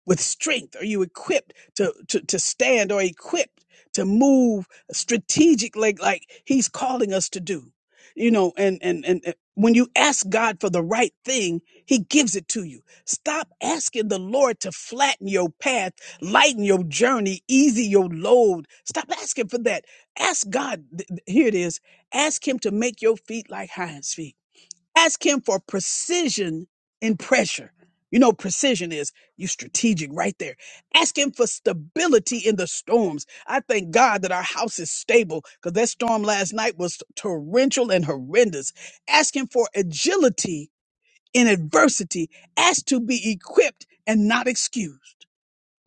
S1: with strength are you equipped to, to, to stand or equipped to move strategically like, like he's calling us to do you know and, and and and when you ask god for the right thing he gives it to you stop asking the lord to flatten your path lighten your journey easy your load stop asking for that ask god th- th- here it is ask him to make your feet like hinds feet Ask him for precision in pressure. You know, precision is you strategic right there. Ask him for stability in the storms. I thank God that our house is stable because that storm last night was torrential and horrendous. Ask him for agility in adversity. Ask to be equipped and not excused.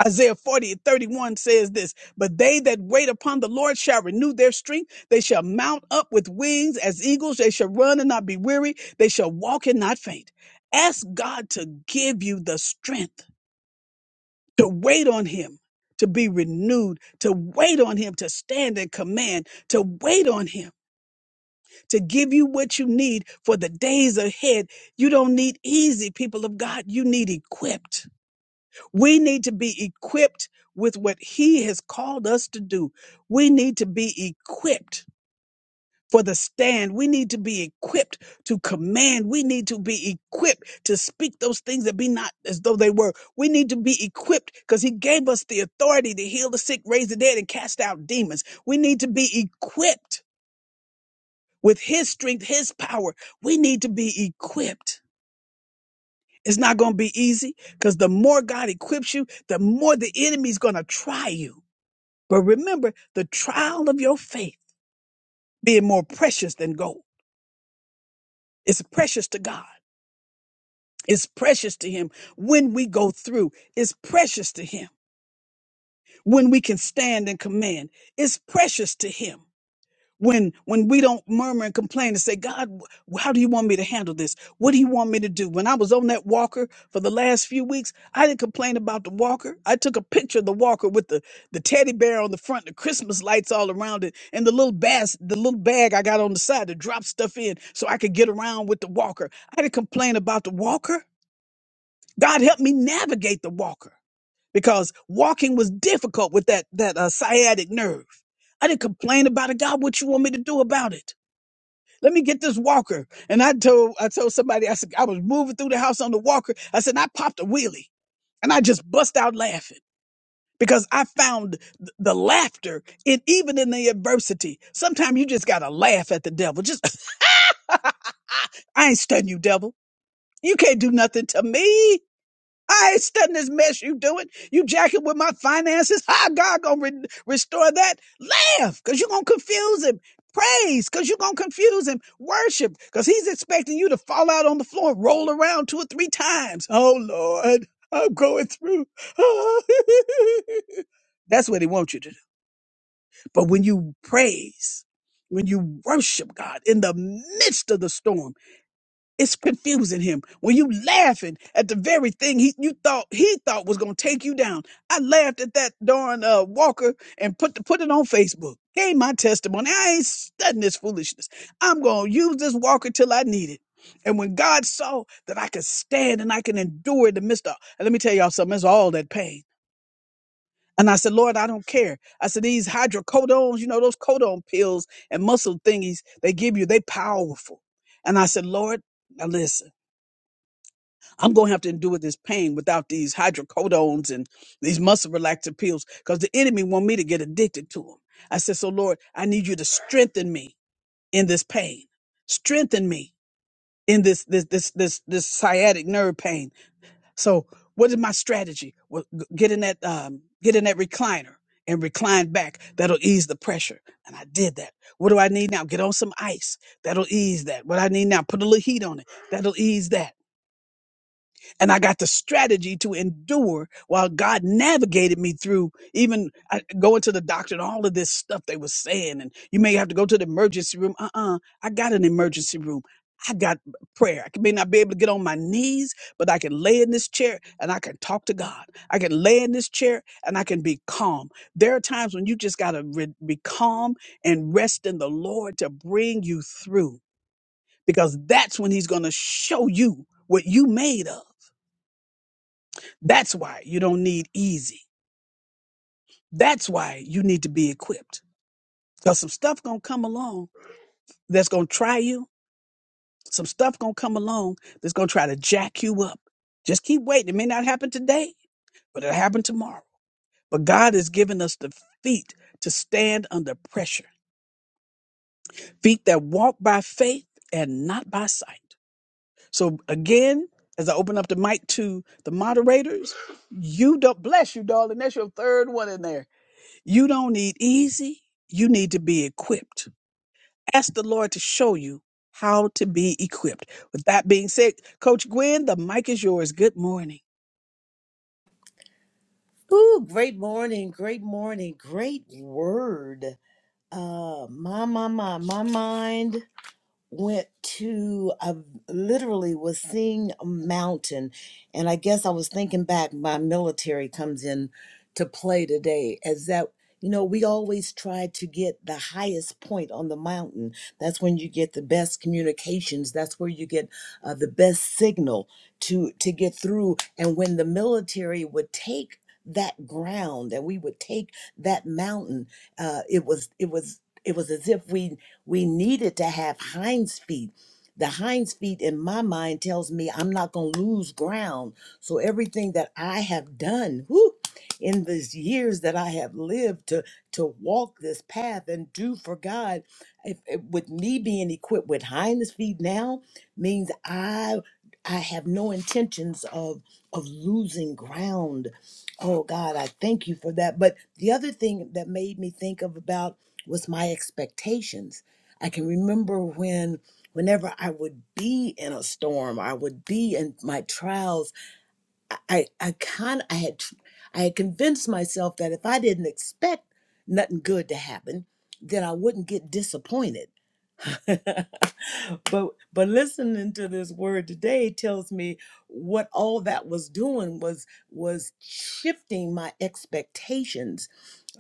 S1: Isaiah 40 and 31 says this, but they that wait upon the Lord shall renew their strength. They shall mount up with wings as eagles. They shall run and not be weary. They shall walk and not faint. Ask God to give you the strength to wait on him, to be renewed, to wait on him, to stand in command, to wait on him, to give you what you need for the days ahead. You don't need easy people of God. You need equipped. We need to be equipped with what He has called us to do. We need to be equipped for the stand. We need to be equipped to command. We need to be equipped to speak those things that be not as though they were. We need to be equipped because He gave us the authority to heal the sick, raise the dead, and cast out demons. We need to be equipped with His strength, His power. We need to be equipped. It's not going to be easy because the more God equips you, the more the enemy's going to try you But remember the trial of your faith being more precious than gold. It's precious to God. It's precious to Him when we go through. It's precious to Him when we can stand and command. It's precious to Him when when we don't murmur and complain and say god wh- how do you want me to handle this what do you want me to do when i was on that walker for the last few weeks i didn't complain about the walker i took a picture of the walker with the the teddy bear on the front the christmas lights all around it and the little bass the little bag i got on the side to drop stuff in so i could get around with the walker i didn't complain about the walker god helped me navigate the walker because walking was difficult with that that uh, sciatic nerve i didn't complain about it god what you want me to do about it let me get this walker. And I told I told somebody I said I was moving through the house on the walker. I said and I popped a wheelie and I just bust out laughing because I found th- the laughter in even in the adversity. Sometimes you just gotta laugh at the devil. Just I ain't studying you, devil. You can't do nothing to me. I ain't studying this mess you doing. You jacking with my finances. How God gonna re- restore that? Laugh, cause you're gonna confuse him. Praise, cause you're gonna confuse him. Worship, cause he's expecting you to fall out on the floor, roll around two or three times. Oh Lord, I'm going through. That's what he wants you to do. But when you praise, when you worship God in the midst of the storm, it's confusing him when you laughing at the very thing he you thought he thought was gonna take you down. I laughed at that darn uh, Walker and put the, put it on Facebook. Gave my testimony. I ain't studying this foolishness. I'm gonna use this Walker till I need it. And when God saw that I could stand and I can endure the midst of, and let me tell y'all something, it's all that pain. And I said, Lord, I don't care. I said, these hydrocodones, you know, those codone pills and muscle thingies they give you, they powerful. And I said, Lord, now listen. I'm going to have to endure this pain without these hydrocodones and these muscle relaxant pills because the enemy want me to get addicted to them. I said, so Lord, I need you to strengthen me in this pain, strengthen me in this, this, this, this, this sciatic nerve pain. So what is my strategy? Well, g- get in that, um, get in that recliner and recline back. That'll ease the pressure. And I did that. What do I need now? Get on some ice. That'll ease that. What I need now, put a little heat on it. That'll ease that and I got the strategy to endure while God navigated me through even uh, going to the doctor and all of this stuff they were saying. And you may have to go to the emergency room. Uh uh I got an emergency room. I got prayer. I may not be able to get on my knees, but I can lay in this chair and I can talk to God. I can lay in this chair and I can be calm. There are times when you just got to re- be calm and rest in the Lord to bring you through because that's when He's going to show you what you made of that's why you don't need easy. That's why you need to be equipped. Because some stuff gonna come along that's gonna try you. Some stuff gonna come along that's gonna try to jack you up. Just keep waiting. It may not happen today, but it'll happen tomorrow. But God has given us the feet to stand under pressure. Feet that walk by faith and not by sight. So again, as I open up the mic to the moderators, you don't bless you, darling. That's your third one in there You don't need easy, you need to be equipped. Ask the Lord to show you how to be equipped. With that being said, Coach Gwen, the mic is yours. Good morning.
S2: Ooh, great morning, great morning, great word. Uh, my, my, my, my mind went to I literally was seeing a mountain and I guess I was thinking back my military comes in to play today as that you know we always try to get the highest point on the mountain that's when you get the best communications that's where you get uh, the best signal to to get through and when the military would take that ground and we would take that mountain uh, it was it was it was as if we we needed to have hinds feet. The hinds feet in my mind tells me I'm not going to lose ground. So everything that I have done whew, in these years that I have lived to to walk this path and do for God, if, if- with me being equipped with hinds feet now means I I have no intentions of of losing ground. Oh God, I thank you for that. But the other thing that made me think of about was my expectations I can remember when, whenever I would be in a storm, I would be in my trials. I, I, I kind, I had, I had convinced myself that if I didn't expect nothing good to happen, then I wouldn't get disappointed but but listening to this word today tells me what all that was doing was was shifting my expectations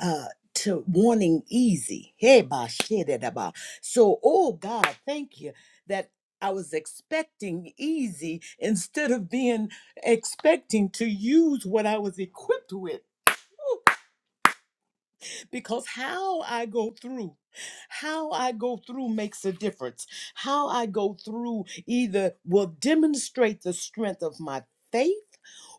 S2: uh to wanting easy. Hey ba shit it about. So oh God, thank you that I was expecting easy instead of being expecting to use what I was equipped with because how I go through how I go through makes a difference. How I go through either will demonstrate the strength of my faith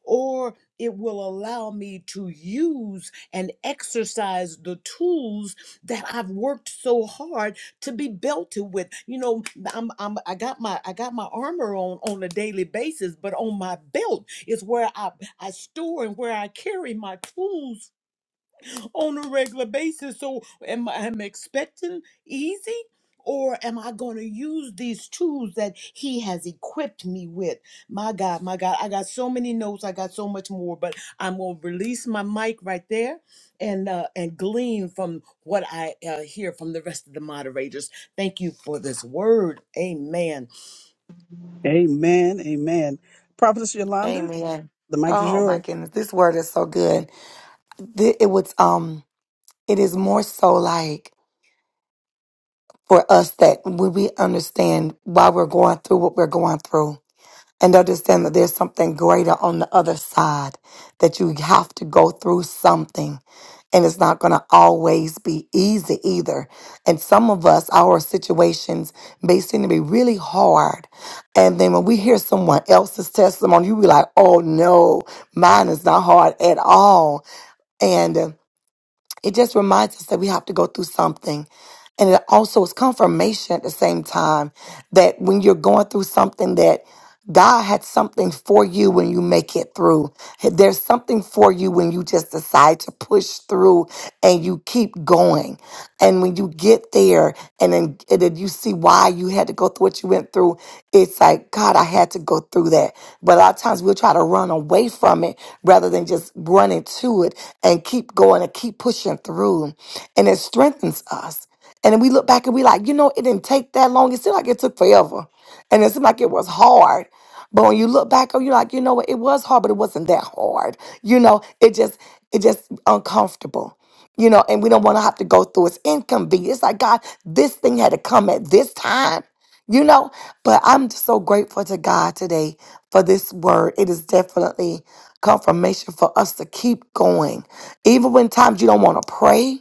S2: or it will allow me to use and exercise the tools that I've worked so hard to be belted with. You know, I'm, I'm I got my I got my armor on on a daily basis, but on my belt is where I I store and where I carry my tools on a regular basis. So am I am I expecting easy? Or am I going to use these tools that he has equipped me with? My God, my God, I got so many notes. I got so much more, but I'm going to release my mic right there and uh, and glean from what I uh, hear from the rest of the moderators. Thank you for this word. Amen.
S1: Amen. Amen. Prophetess Yolanda,
S3: Amen.
S1: the mic is
S3: Oh my
S1: yours.
S3: goodness, this word is so good. Th- It was um, it is more so like for us that when we understand why we're going through what we're going through and understand that there's something greater on the other side, that you have to go through something. And it's not going to always be easy either. And some of us, our situations may seem to be really hard. And then when we hear someone else's testimony, you be like, oh no, mine is not hard at all. And it just reminds us that we have to go through something. And it also is confirmation at the same time that when you're going through something that God had something for you when you make it through. There's something for you when you just decide to push through and you keep going. And when you get there and then, and then you see why you had to go through what you went through, it's like, God, I had to go through that. But a lot of times we'll try to run away from it rather than just running to it and keep going and keep pushing through. And it strengthens us. And then we look back and we like, you know, it didn't take that long. It seemed like it took forever. And it seemed like it was hard. But when you look back, oh, you're like, you know what? It was hard, but it wasn't that hard. You know, it just, it just uncomfortable you know, and we don't want to have to go through its inconvenience. It's like, God, this thing had to come at this time, you know? But I'm just so grateful to God today for this word. It is definitely confirmation for us to keep going. Even when times you don't want to pray,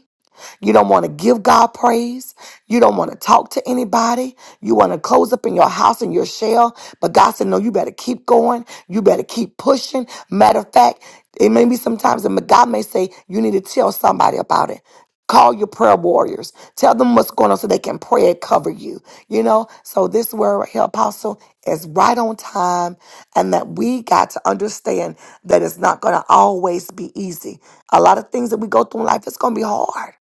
S3: you don't want to give God praise. You don't want to talk to anybody. You want to close up in your house in your shell. But God said, no, you better keep going. You better keep pushing. Matter of fact, it may be sometimes, and God may say, you need to tell somebody about it. Call your prayer warriors. Tell them what's going on so they can pray and cover you. You know, so this word right here, Apostle, is right on time, and that we got to understand that it's not going to always be easy. A lot of things that we go through in life, it's going to be hard.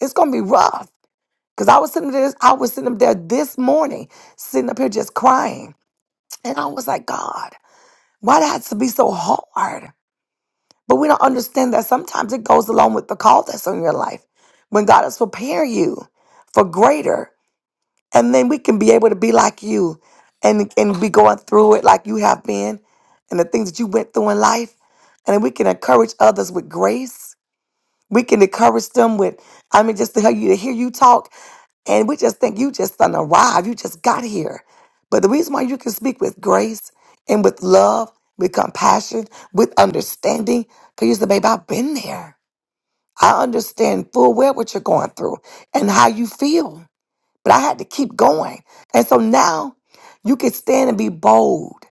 S3: It's gonna be rough. Cause I was sitting there, I was sitting up there this morning, sitting up here just crying. And I was like, God, why that has to be so hard? But we don't understand that sometimes it goes along with the call that's on your life. When God has prepared you for greater, and then we can be able to be like you and, and be going through it like you have been and the things that you went through in life. And then we can encourage others with grace. We can encourage them with, I mean, just to hear you to hear you talk And we just think you just done arrived. You just got here. But the reason why you can speak with grace and with love, with compassion, with understanding, because you say, babe, I've been there. I understand full well what you're going through and how you feel. But I had to keep going. And so now you can stand and be bold.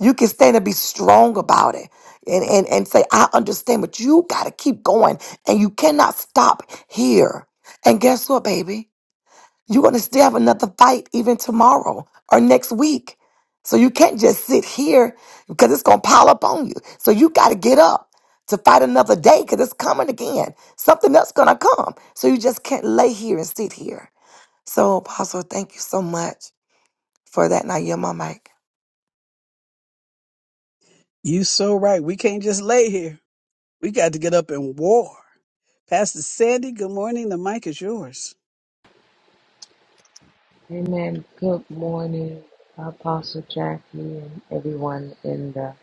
S3: You can stand and be strong about it and, and, and say, I understand, but you got to keep going and you cannot stop here. And guess what, baby? You're going to still have another fight even tomorrow or next week. So you can't just sit here because it's going to pile up on you. So you got to get up to fight another day because it's coming again. Something else going to come. So you just can't lay here and sit here. So, Apostle, thank you so much for that. Now, you're my mic.
S1: You so right. We can't just lay here. We got to get up and war. Pastor Sandy, good morning. The mic is yours.
S4: Amen. Good morning, Apostle Jackie, and everyone in the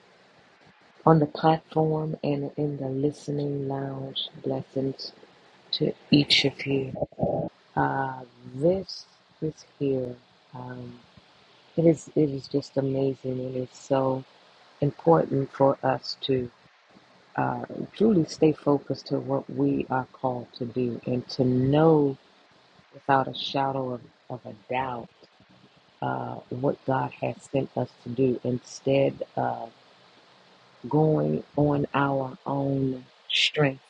S4: on the platform and in the listening lounge. Blessings to each of you. Uh, this is here. Um, it is it is just amazing, and it's so important for us to uh, truly stay focused to what we are called to do, and to know without a shadow of, of a doubt uh, what God has sent us to do instead of going on our own strength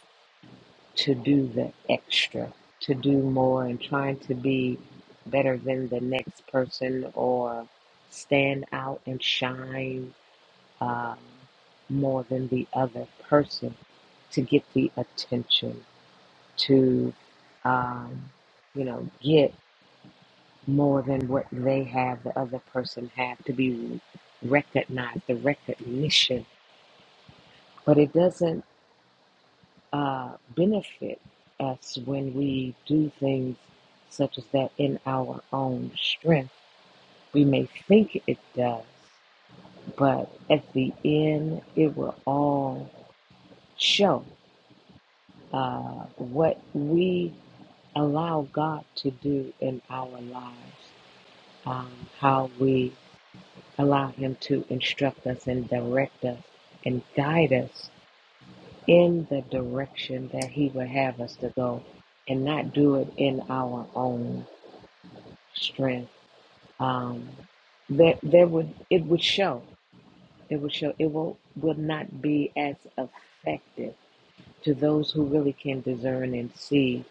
S4: to do the extra, to do more, and trying to be better than the next person or stand out and shine um, more than the other person to get the attention, to, um, you know, get. more than what they have, the other person have to be recognized, the recognition. But it doesn't uh, benefit us when we do things such as that in our own strength. We may think it does, but at the end, it will all show uh, what we allow God to do in our lives, um, how we Allow Him to instruct us and direct us and guide us in the direction that He would have us to go and not do it in our own strength. Um, there, there would, it would show. It would show. It will, will not be as effective to those who really can discern and see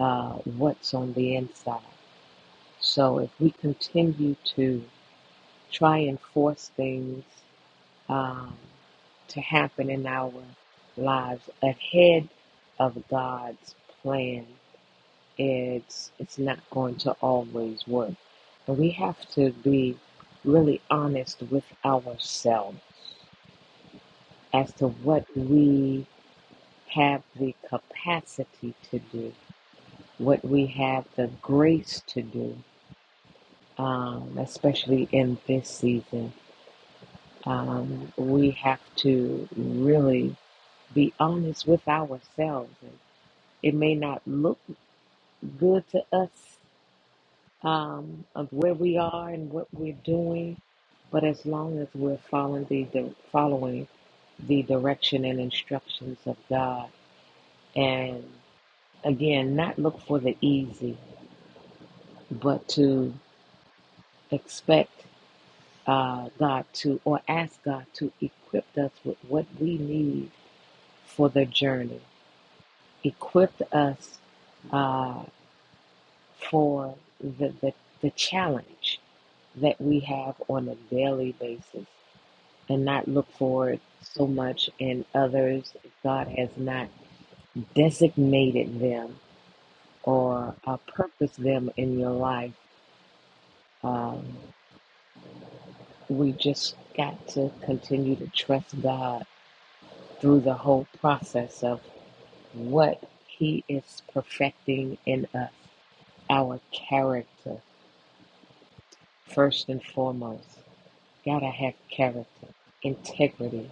S4: uh, what's on the inside. So if we continue to try and force things um, to happen in our lives ahead of God's plan. It's it's not going to always work, and we have to be really honest with ourselves as to what we have the capacity to do, what we have the grace to do, um, especially in this season. Um, we have to really be honest with ourselves. And it may not look good to us um, of where we are and what we're doing, but as long as we're following the, the following the direction and instructions of God, and again, not look for the easy, but to expect uh, God to or ask God to equip us with what we need for the journey. Equip us. uh, for the, the, the challenge that we have on a daily basis and not look for it so much in others. God has not designated them or uh, purposed them in your life. Um, we just got to continue to trust God through the whole process of what He is perfecting in us, our character, first and foremost. Gotta have character, integrity,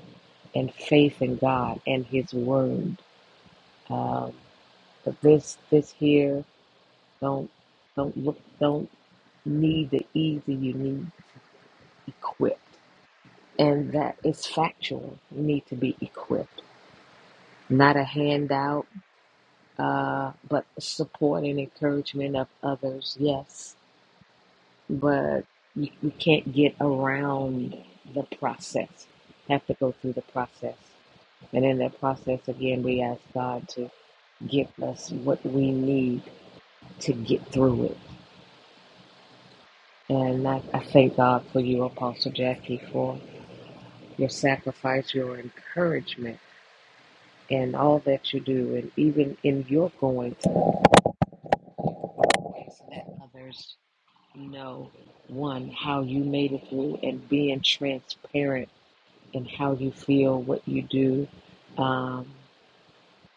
S4: and faith in God and His Word. Um, but this, this here, don't, don't look, don't need the easy. You need equipped, and that is factual. You need to be equipped, not a handout, uh, but support and encouragement of others. Yes, but you, you can't get around the process. Have to go through the process. And in that process, again, we ask God to give us what we need to get through it. And I, I thank God for you, Apostle Jackie, for your sacrifice, your encouragement, and all that you do. And even in your going through, ways, let others know, one, how you made it through and being transparent in how you feel, what you do, um,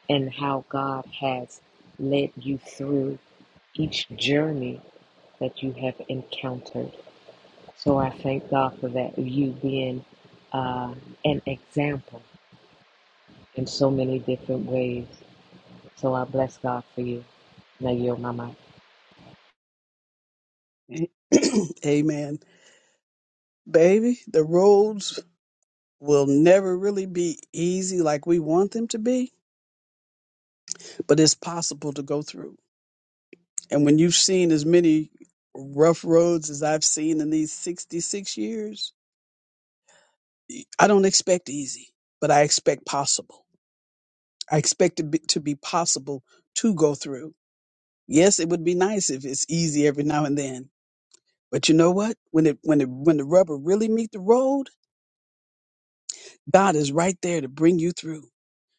S4: and how God has led you through each journey that you have encountered. So I thank God for that, you being uh, an example in so many different ways. So I bless God for you. Now you're my mic.
S1: Amen. Baby, the roads will never really be easy like we want them to be, but it's possible to go through. And when you've seen as many rough roads as I've seen in these 66 years, I don't expect easy, but I expect possible. I expect it be, to be possible to go through. Yes, it would be nice if it's easy every now and then. But you know what? When it when it when the rubber really meet the road, God is right there to bring you through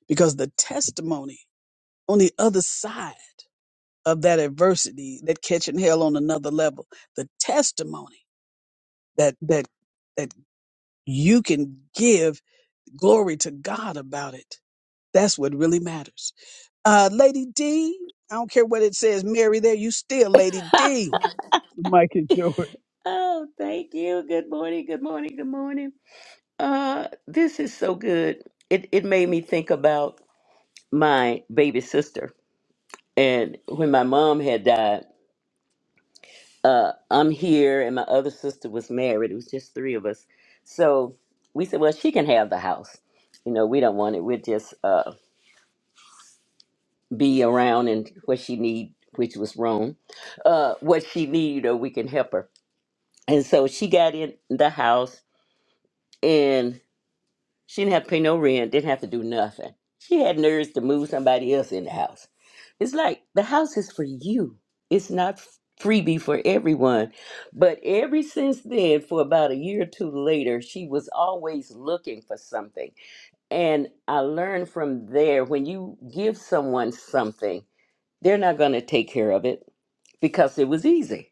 S1: because the testimony on the other side of that adversity, that catching hell on another level, the testimony that that that you can give glory to God about it. That's what really matters. Uh, Lady D, I don't care what it says, Mary, there, you still Lady D. The mic is yours.
S5: Oh, thank you. Good morning. Good morning. Good morning. Uh, this is so good. It it made me think about my baby sister. And when my mom had died, uh, I'm here and my other sister was married. It was just three of us. So we said, well, she can have the house. You know, we don't want it. We'll just uh, be around and what she need, which was wrong, uh, what she need, or we can help her. And so she got in the house and. She didn't have to pay no rent, didn't have to do nothing. She had nerves to move somebody else in the house. It's like the house is for you. It's not f- freebie for everyone. But ever since then, for about a year or two later, she was always looking for something. And I learned from there when you give someone something, they're not going to take care of it because it was easy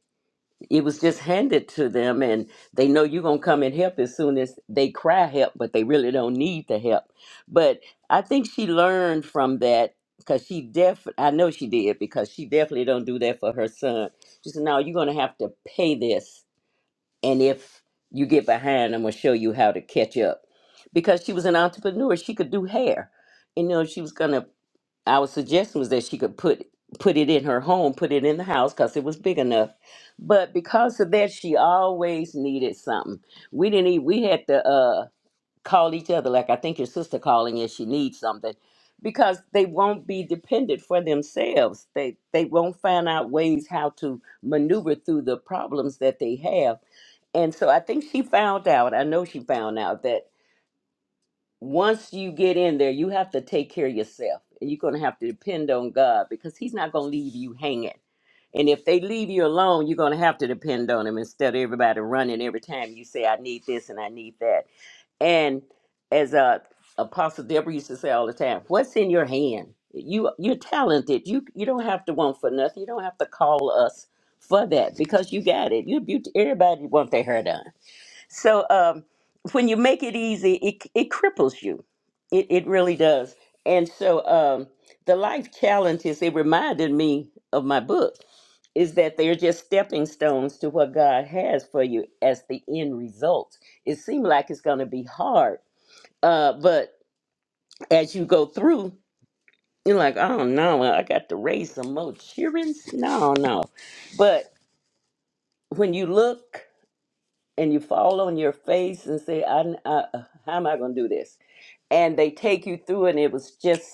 S5: it was just handed to them and they know you're going to come and help as soon as they cry help but they really don't need the help but i think she learned from that because she def i know she did because she definitely don't do that for her son she said no you're going to have to pay this and if you get behind i'm going to show you how to catch up because she was an entrepreneur she could do hair you know she was going to our suggestion was that she could put put it in her home, put it in the house because it was big enough. But because of that, she always needed something. We didn't even we had to uh, call each other like I think your sister calling and she needs something because they won't be dependent for themselves. They they won't find out ways how to maneuver through the problems that they have. And so I think she found out. I know she found out once you get in there, you have to take care of yourself. And you're going to have to depend on God because He's not going to leave you hanging. And if they leave you alone, you're going to have to depend on Him instead of everybody running every time you say, I need this and I need that. And as uh, Apostle Deborah used to say all the time, what's in your hand? You, you're talented. You, you don't have to want for nothing. You don't have to call us for that because you got it. You're beautiful. Everybody want their hair done. So um, when you make it easy, it it cripples you. It it really does. And so um, the life challenges it reminded me of my book is that they're just stepping stones to what God has for you as the end result. It seemed like it's going to be hard, uh, but as you go through, you're like, oh no, I got to raise some more cheerings. No, no, but when you look. and you fall on your face and say, I, I, how am I going to do this? And they take you through, and it was just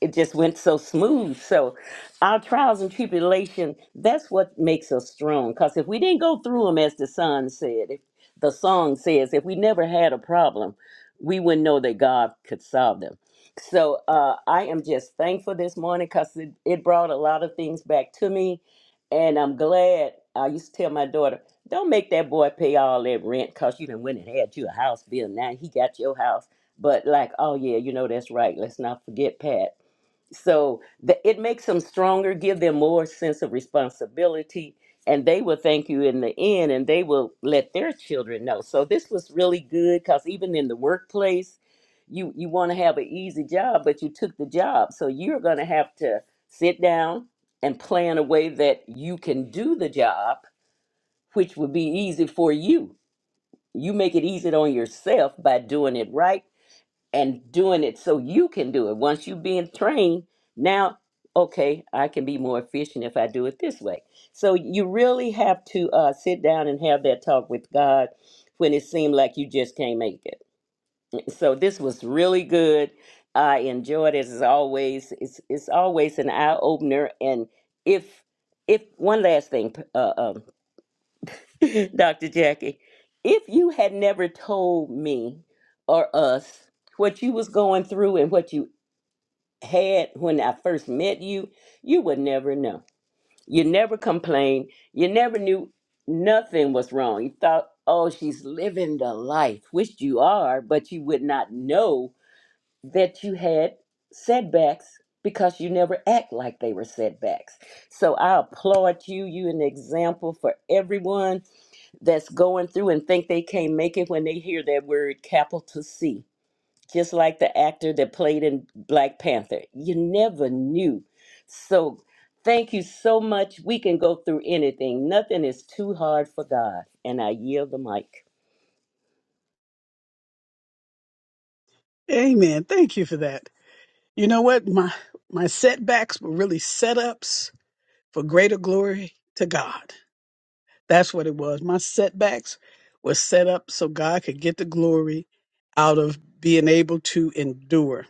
S5: it just went so smooth. So our trials and tribulation, that's what makes us strong. Because if we didn't go through them, as the son said, if the song says, if we never had a problem, we wouldn't know that God could solve them. So uh, I am just thankful this morning because it, it brought a lot of things back to me. And I'm glad. I used to tell my daughter, don't make that boy pay all that rent because you done went and had you a house bill. Now he got your house. But like, oh yeah, you know that's right. Let's not forget Pat so the, it makes them stronger give them more sense of responsibility and they will thank you in the end and they will let their children know so this was really good because even in the workplace you you want to have an easy job but you took the job so you're going to have to sit down and plan a way that you can do the job which would be easy for you you make it easy on yourself by doing it right and doing it so you can do it. Once you've been trained, now, okay, I can be more efficient if I do it this way. So you really have to uh, sit down and have that talk with God when it seemed like you just can't make it. So this was really good. I enjoyed it as always. It's it's always an eye opener. And if if one last thing, uh, um Dr. Jackie, if you had never told me or us what you was going through and what you had when I first met you, you would never know. You never complained. You never knew nothing was wrong. You thought, oh, she's living the life, which you are, but you would not know that you had setbacks because you never act like they were setbacks. So I applaud you. You an example for everyone that's going through and think they can't make it when they hear that word capital C. Just like the actor that played in Black Panther. You never knew. So thank you so much. We can go through anything. Nothing is too hard for God. And I yield the mic.
S1: Amen. Thank you for that. You know what? My my setbacks were really setups for greater glory to God. That's what it was. My setbacks were set up so God could get the glory out of being able to endure.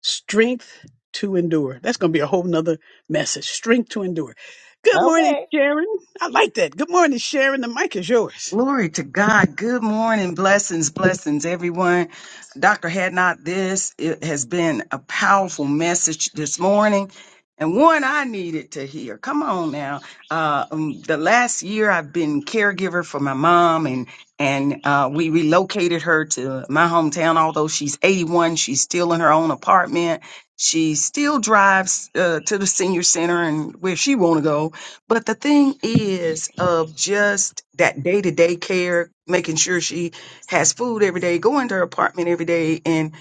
S1: Strength to endure. That's gonna be a whole nother message. Strength to endure. Good morning,
S5: Okay.
S1: Sharon. I like that. Good morning, Sharon. The mic is yours.
S6: Glory to God. Good morning. Blessings, blessings, everyone. Dr. Hadnot, this it has been a powerful message this morning and one I needed to hear. Come on now. Uh, um, the last year I've been caregiver for my mom and and uh, we relocated her to my hometown. Although she's 81, she's still in her own apartment. She still drives uh, to the senior center and where she want to go but the thing is, of just that day to day care, making sure she has food every day, going to her apartment every day. And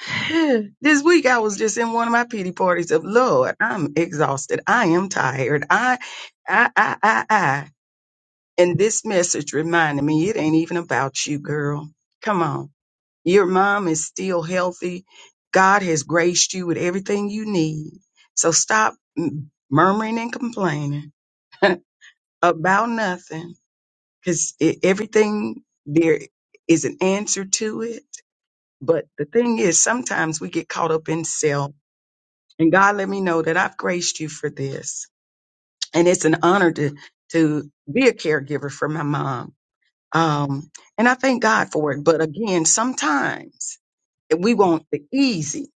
S6: this week I was just in one of my pity parties of Lord, I'm exhausted. I am tired. I, I, I, I, I. And this message reminded me it ain't even about you, girl. Come on. Your mom is still healthy. God has graced you with everything you need. So stop mm, murmuring and complaining. about nothing because everything there is an answer to it. But the thing is, sometimes we get caught up in self. And God let me know that I've graced you for this. And it's an honor to, to be a caregiver for my mom. Um, and I thank God for it. But again, sometimes we want the easy,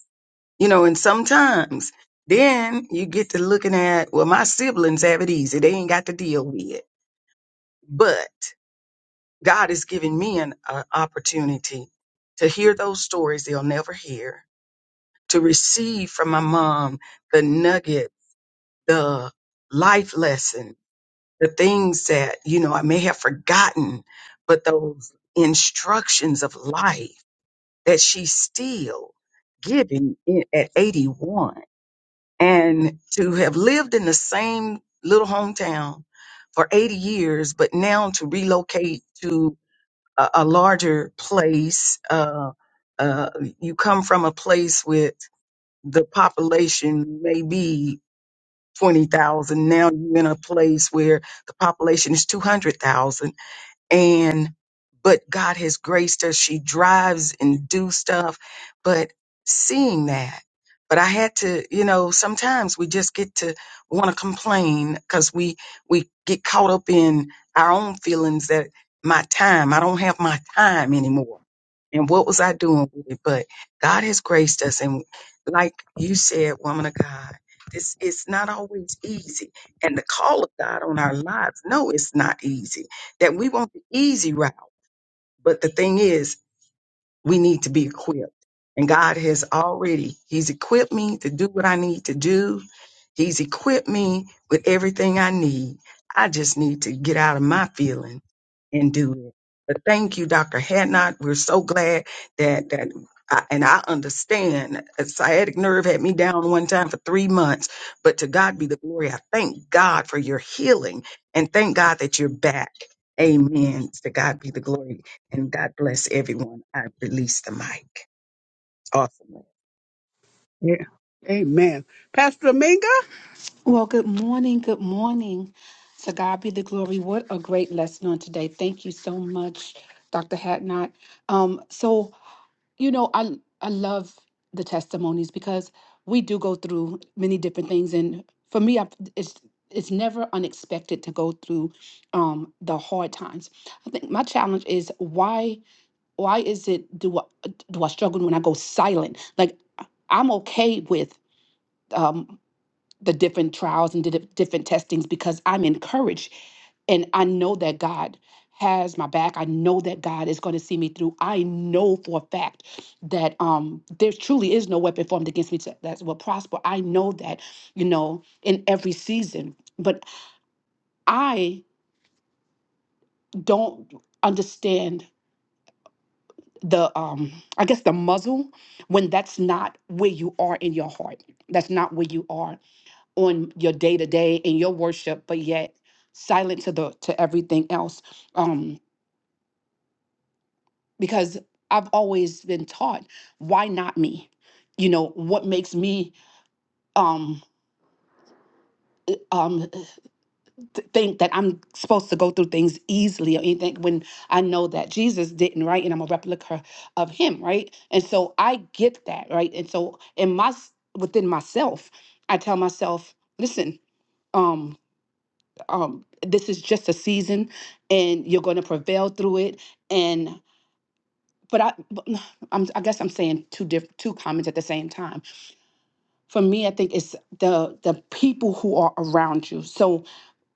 S6: you know, and sometimes then you get to looking at, well, my siblings have it easy. They ain't got to deal with it. God has given me an uh, opportunity to hear those stories they'll never hear, to receive from my mom the nugget, the life lesson, the things that, you know, I may have forgotten, but those instructions of life that she's still giving in, at 81 and to have lived in the same little hometown for 80 years, but now to relocate a, a larger place. Uh, uh, you come from a place with the population maybe 20,000. Now you're in a place where the population is 200,000 and but God has graced her. She drives and do stuff, but seeing that. But I had to, you know, sometimes we just get to want to complain because we we get caught up in our own feelings that my time, I don't have my time anymore and what was I doing with it? But God has graced us. And like you said, woman of God, this it's not always easy. And the call of God on our lives, no, it's not easy. That we want the easy route. But the thing is, we need to be equipped. And God has already, He's equipped me to do what I need to do. He's equipped me with everything I need. I just need to get out of my feelings and do it. But thank you, Dr. Hadnot. We're so glad that that I, and I understand a sciatic nerve had me down one time for three months, but to God be the glory. I thank God for your healing and thank God that you're back. Amen. To God be the glory and God bless everyone. I release the mic. Awesome.
S1: Yeah. Amen. Pastor Dominga?
S7: Well, good morning. Good morning. To God be the glory. What a great lesson on today. Thank you so much, Dr. Hatnot. Um, so, you know, I I love the testimonies because we do go through many different things, and for me, I, it's it's never unexpected to go through um, the hard times. I think my challenge is why why is it do I, do I struggle when I go silent? Like I'm okay with. um, the different trials and did different testings because I'm encouraged and I know that God has my back. I know that God is going to see me through. I know for a fact that um there truly is no weapon formed against me to, that will prosper. I know that, you know, in every season. But I don't understand the um I guess the muzzle when that's not where you are in your heart. That's not where you are on your day to day in your worship, but yet silent to the to everything else. Um, because I've always been taught, why not me? You know, what makes me um um th- think that I'm supposed to go through things easily or anything when I know that Jesus didn't, right? And I'm a replica of him, right? And so I get that, right? And so in my s- within myself, I tell myself, listen, um, um, this is just a season and you're going to prevail through it and but i but I'm, i guess i'm saying two diff- two comments at the same time for me i think it's the the people who are around you so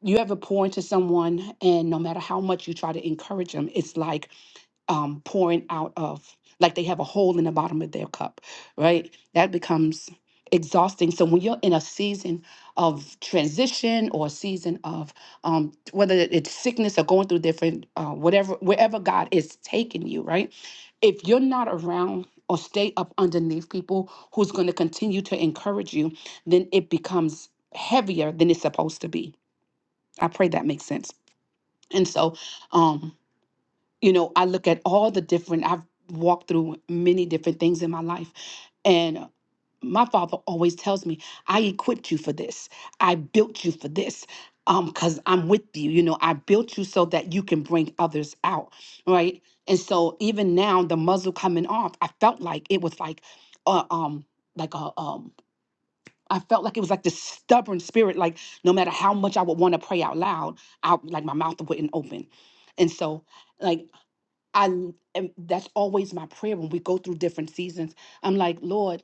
S7: you ever pour into someone and no matter how much you try to encourage them it's like um, pouring out of, like they have a hole in the bottom of their cup, right? That becomes exhausting. So when you're in a season of transition or a season of um, whether it's sickness or going through different, uh, whatever, wherever God is taking you, right? If you're not around or stay up underneath people who's going to continue to encourage you, then it becomes heavier than it's supposed to be. I pray that makes sense. And so, um, you know, I look at all the different, I've walked through many different things in my life. And uh, my father always tells me, I equipped you for this. I built you for this. Um, because I'm with you, you know, I built you so that you can bring others out, right? And so even now, the muzzle coming off, I felt like it was like, uh, um, like a um, I felt like it was like this stubborn spirit, like no matter how much I would want to pray out loud, out like my mouth wouldn't open, and so like I am, that's always my prayer when we go through different seasons. I'm like, Lord,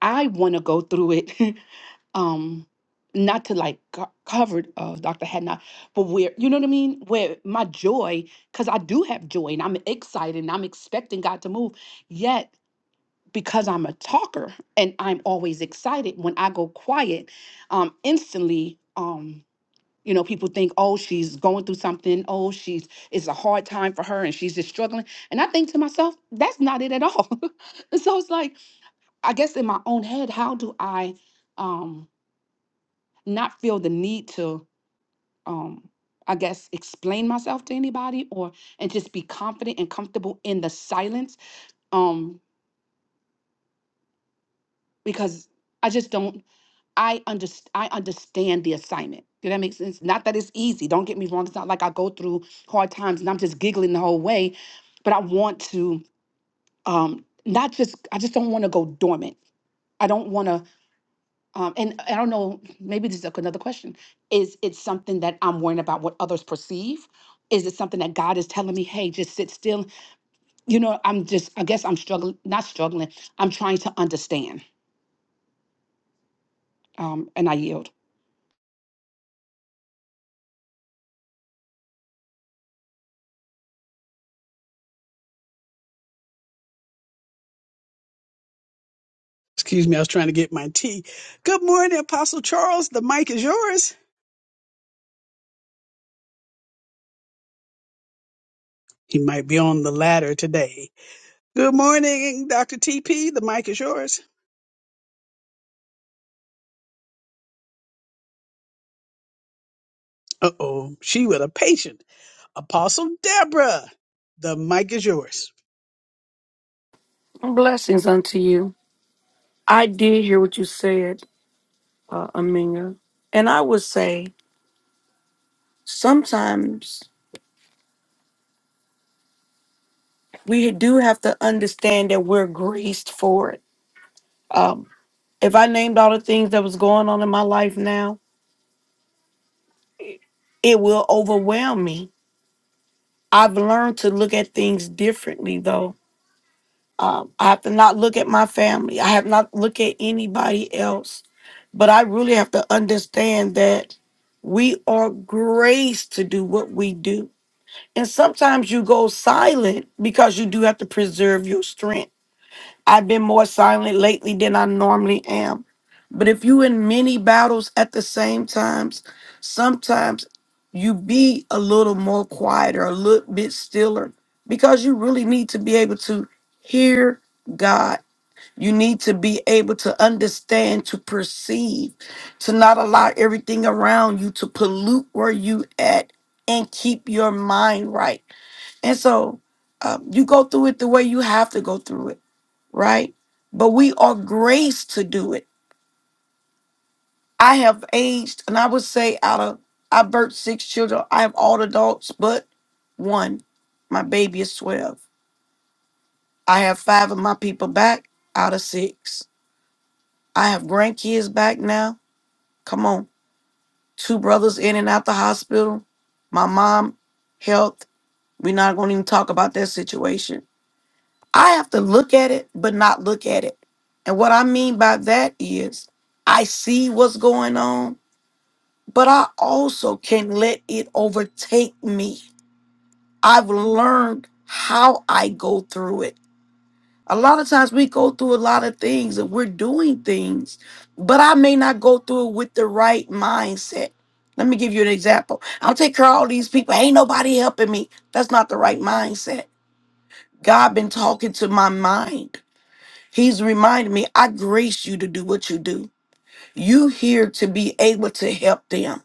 S7: I want to go through it. um, not to like co- covered uh Dr. Hadnot, but where you know what I mean? Where my joy, because I do have joy and I'm excited and I'm expecting God to move. Yet because I'm a talker and I'm always excited, when I go quiet, um, instantly um, you know, people think, oh, she's going through something. Oh, she's it's a hard time for her and she's just struggling. And I think to myself, that's not it at all. And so it's like, I guess in my own head, how do I um not feel the need to um I guess explain myself to anybody or and just be confident and comfortable in the silence. Um, because I just don't. I underst- I understand the assignment. Did that make sense? Not that it's easy. Don't get me wrong. It's not like I go through hard times and I'm just giggling the whole way, but I want to um not just I just don't want to go dormant. I don't want to um and I don't know, maybe this is another question. Is it something that I'm worrying about what others perceive? Is it something that God is telling me, hey, just sit still? You know, I'm just I guess I'm struggling, not struggling. I'm trying to understand. Um and I yield.
S1: Excuse me, I was trying to get my tea. Good morning, Apostle Charles. The mic is yours. He might be on the ladder today. Good morning, Dr. TP. The mic is yours. Uh oh, she with a patient. Apostle Deborah, the mic is yours.
S8: Blessings unto you. I did hear what you said, uh, Aminga. And I would say sometimes we do have to understand that we're graced for it. Um, if I named all the things that was going on in my life now, it will overwhelm me. I've learned to look at things differently, though Um, I have to not look at my family. I have not look at anybody else. But I really have to understand that we are graced to do what we do. And sometimes you go silent because you do have to preserve your strength. I've been more silent lately than I normally am. But if you in many battles at the same times, sometimes you be a little more quiet or a little bit stiller because you really need to be able to hear God. You need to be able to understand, to perceive, to not allow everything around you to pollute where you at and keep your mind right. And so uh, you go through it the way you have to go through it right? But we are graced to do it. I have aged, and I would say out of I birthed six children. I have all adults but one. My baby is 12. I have five of my people back out of six. I have grandkids back now. Come on. Two brothers in and out the hospital. My mom, health. We're not going to even talk about that situation. I have to look at it, but not look at it. And what I mean by that is I see what's going on. but I also can let it overtake me. I've learned how I go through it. A lot of times we go through a lot of things and we're doing things, but I may not go through it with the right mindset. Let me give you an example. I'll take care of all these people. Ain't nobody helping me. That's not the right mindset. God been talking to my mind. He's reminded me, I grace you to do what you do. You here to be able to help them.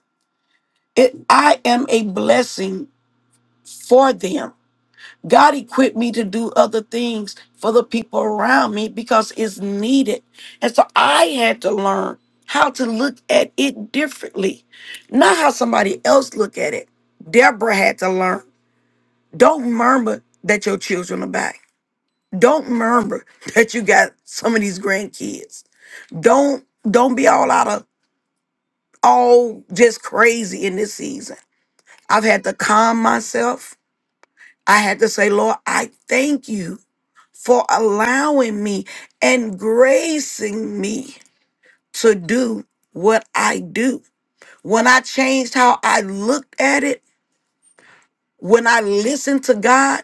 S8: It, I am a blessing for them. God equipped me to do other things for the people around me because it's needed. And so I had to learn how to look at it differently, not how somebody else look at it. Deborah had to learn. Don't murmur that your children are back. Don't murmur that you got some of these grandkids. Don't don't be all out of all just crazy in this season. I've had to calm myself. I had to say, Lord, I thank you for allowing me and gracing me to do what I do. When I changed how I looked at it, when I listened to God,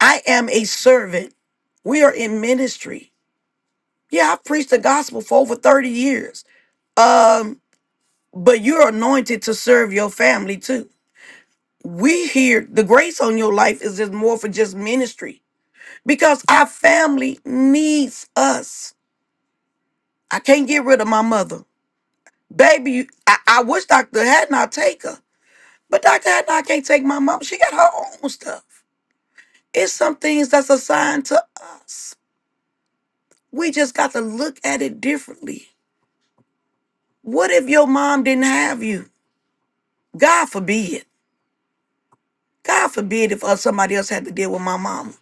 S8: I am a servant. We are in ministry. Yeah, I've preached the gospel for over 30 years. Um, but you're anointed to serve your family too. We hear the grace on your life is just more for just ministry because our family needs us. I can't get rid of my mother. Baby, you- I, I wish Dr. Hadnot take her, but Dr. Hadnot can't take my mom. She got her own stuff. It's some things that's assigned to us. We just got to look at it differently. What if your mom didn't have you? God forbid. God forbid if uh, somebody else had to deal with my mama.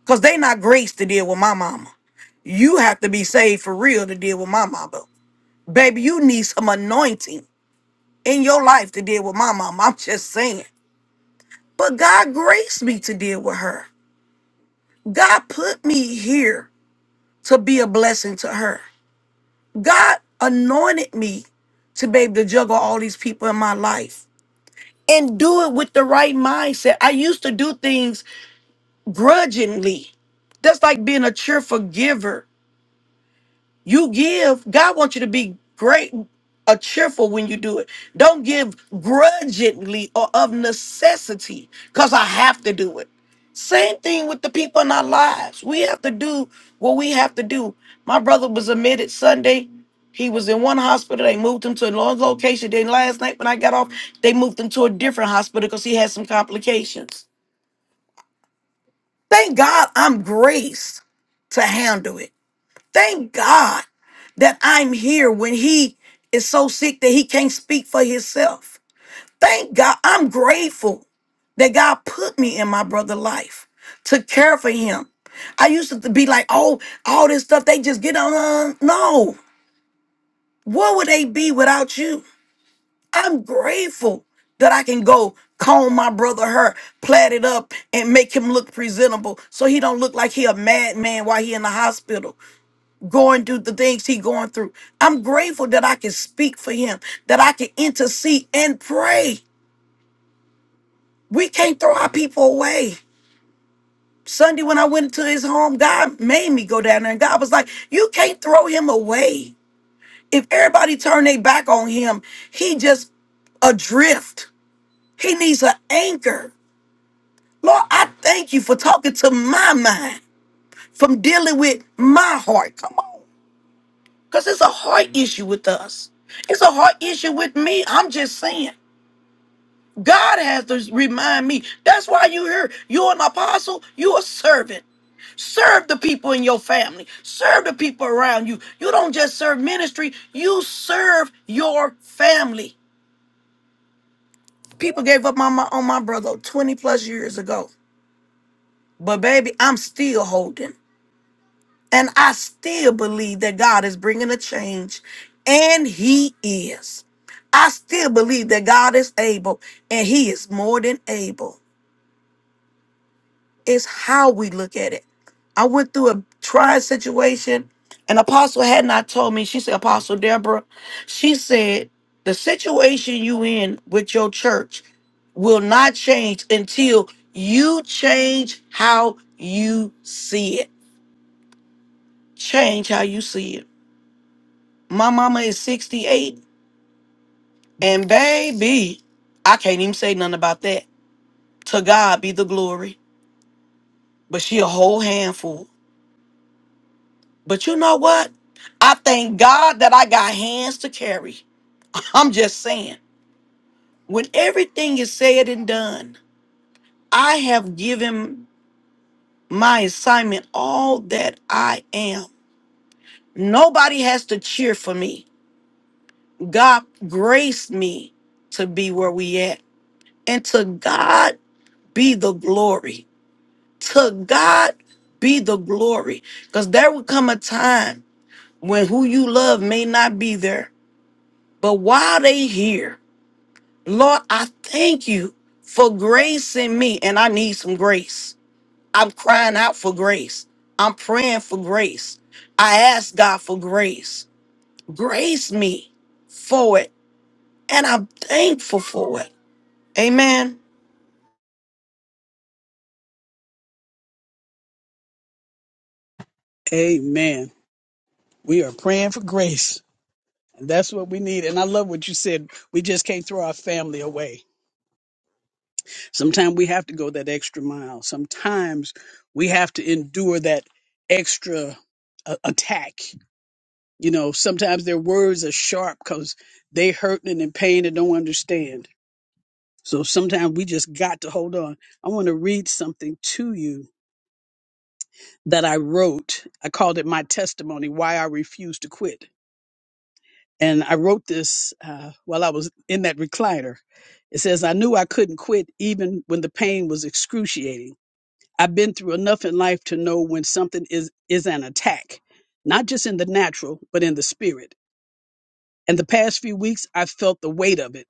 S8: Because they not graced to deal with my mama. You have to be saved for real to deal with my mama. Baby, you need some anointing in your life to deal with my mama. I'm just saying. But God graced me to deal with her. God put me here to be a blessing to her. God anointed me to be able to juggle all these people in my life and do it with the right mindset. I used to do things grudgingly. That's like being a cheerful giver. You give, God wants you to be great, a cheerful when you do it. Don't give grudgingly or of necessity because I have to do it. Same thing with the people in our lives. We have to do what we have to do. My brother was admitted Sunday. He was in one hospital. They moved him to another location. Then last night when I got off, they moved him to a different hospital because he had some complications. Thank God I'm graced to handle it. Thank God that I'm here when he is so sick that he can't speak for himself. Thank God. I'm grateful that God put me in my brother's life to care for him. I used to be like, oh, all this stuff, they just get on. No. What would they be without you? I'm grateful that I can go comb my brother hair, plait it up, and make him look presentable so he don't look like he a madman while he in the hospital going through the things he going through. I'm grateful that I can speak for him, that I can intercede and pray. We can't throw our people away. Sunday when I went into his home, God made me go down there and God was like, "You can't throw him away. If everybody turn their back on him, he just adrift. He needs an anchor. Lord, I thank you for talking to my mind, from dealing with my heart. Come on. Because it's a heart issue with us. It's a heart issue with me. I'm just saying. God has to remind me. That's why you here. You're an apostle, you're a servant. Serve the people in your family. Serve the people around you. You don't just serve ministry, you serve your family. People gave up my, my on my brother 20 plus years ago. But baby, I'm still holding. And I still believe that God is bringing a change, and He is. I still believe that God is able, and He is more than able. It's how we look at it. I went through a trying situation, and Apostle had not told me. She said, Apostle Deborah, she said, the situation you in with your church will not change until you change how you see it. Change how you see it My mama is 68, and baby, I can't even say nothing about that. To God be the glory. But she a whole handful. But you know what? I thank God that I got hands to carry. I'm just saying. When everything is said and done, I have given my assignment all that I am. Nobody has to cheer for me. God graced me to be where we at. And to God be the glory. To God be the glory. Because there will come a time when who you love may not be there. But while they here, Lord, I thank you for grace in me. And I need some grace. I'm crying out for grace. I'm praying for grace. I ask God for grace. Grace me for it. And I'm thankful for it. Amen.
S1: Amen. We are praying for grace. And that's what we need. And I love what you said. We just can't throw our family away. Sometimes we have to go that extra mile. Sometimes we have to endure that extra uh, attack. You know, sometimes their words are sharp because they hurting and in pain and don't understand. So sometimes we just got to hold on. I want to read something to you that I wrote. I called it my testimony, why I refuse to quit. And I wrote this uh, while I was in that recliner. It says, I knew I couldn't quit even when the pain was excruciating. I've been through enough in life to know when something is is an attack, not just in the natural, but in the spirit. And the past few weeks, I've felt the weight of it.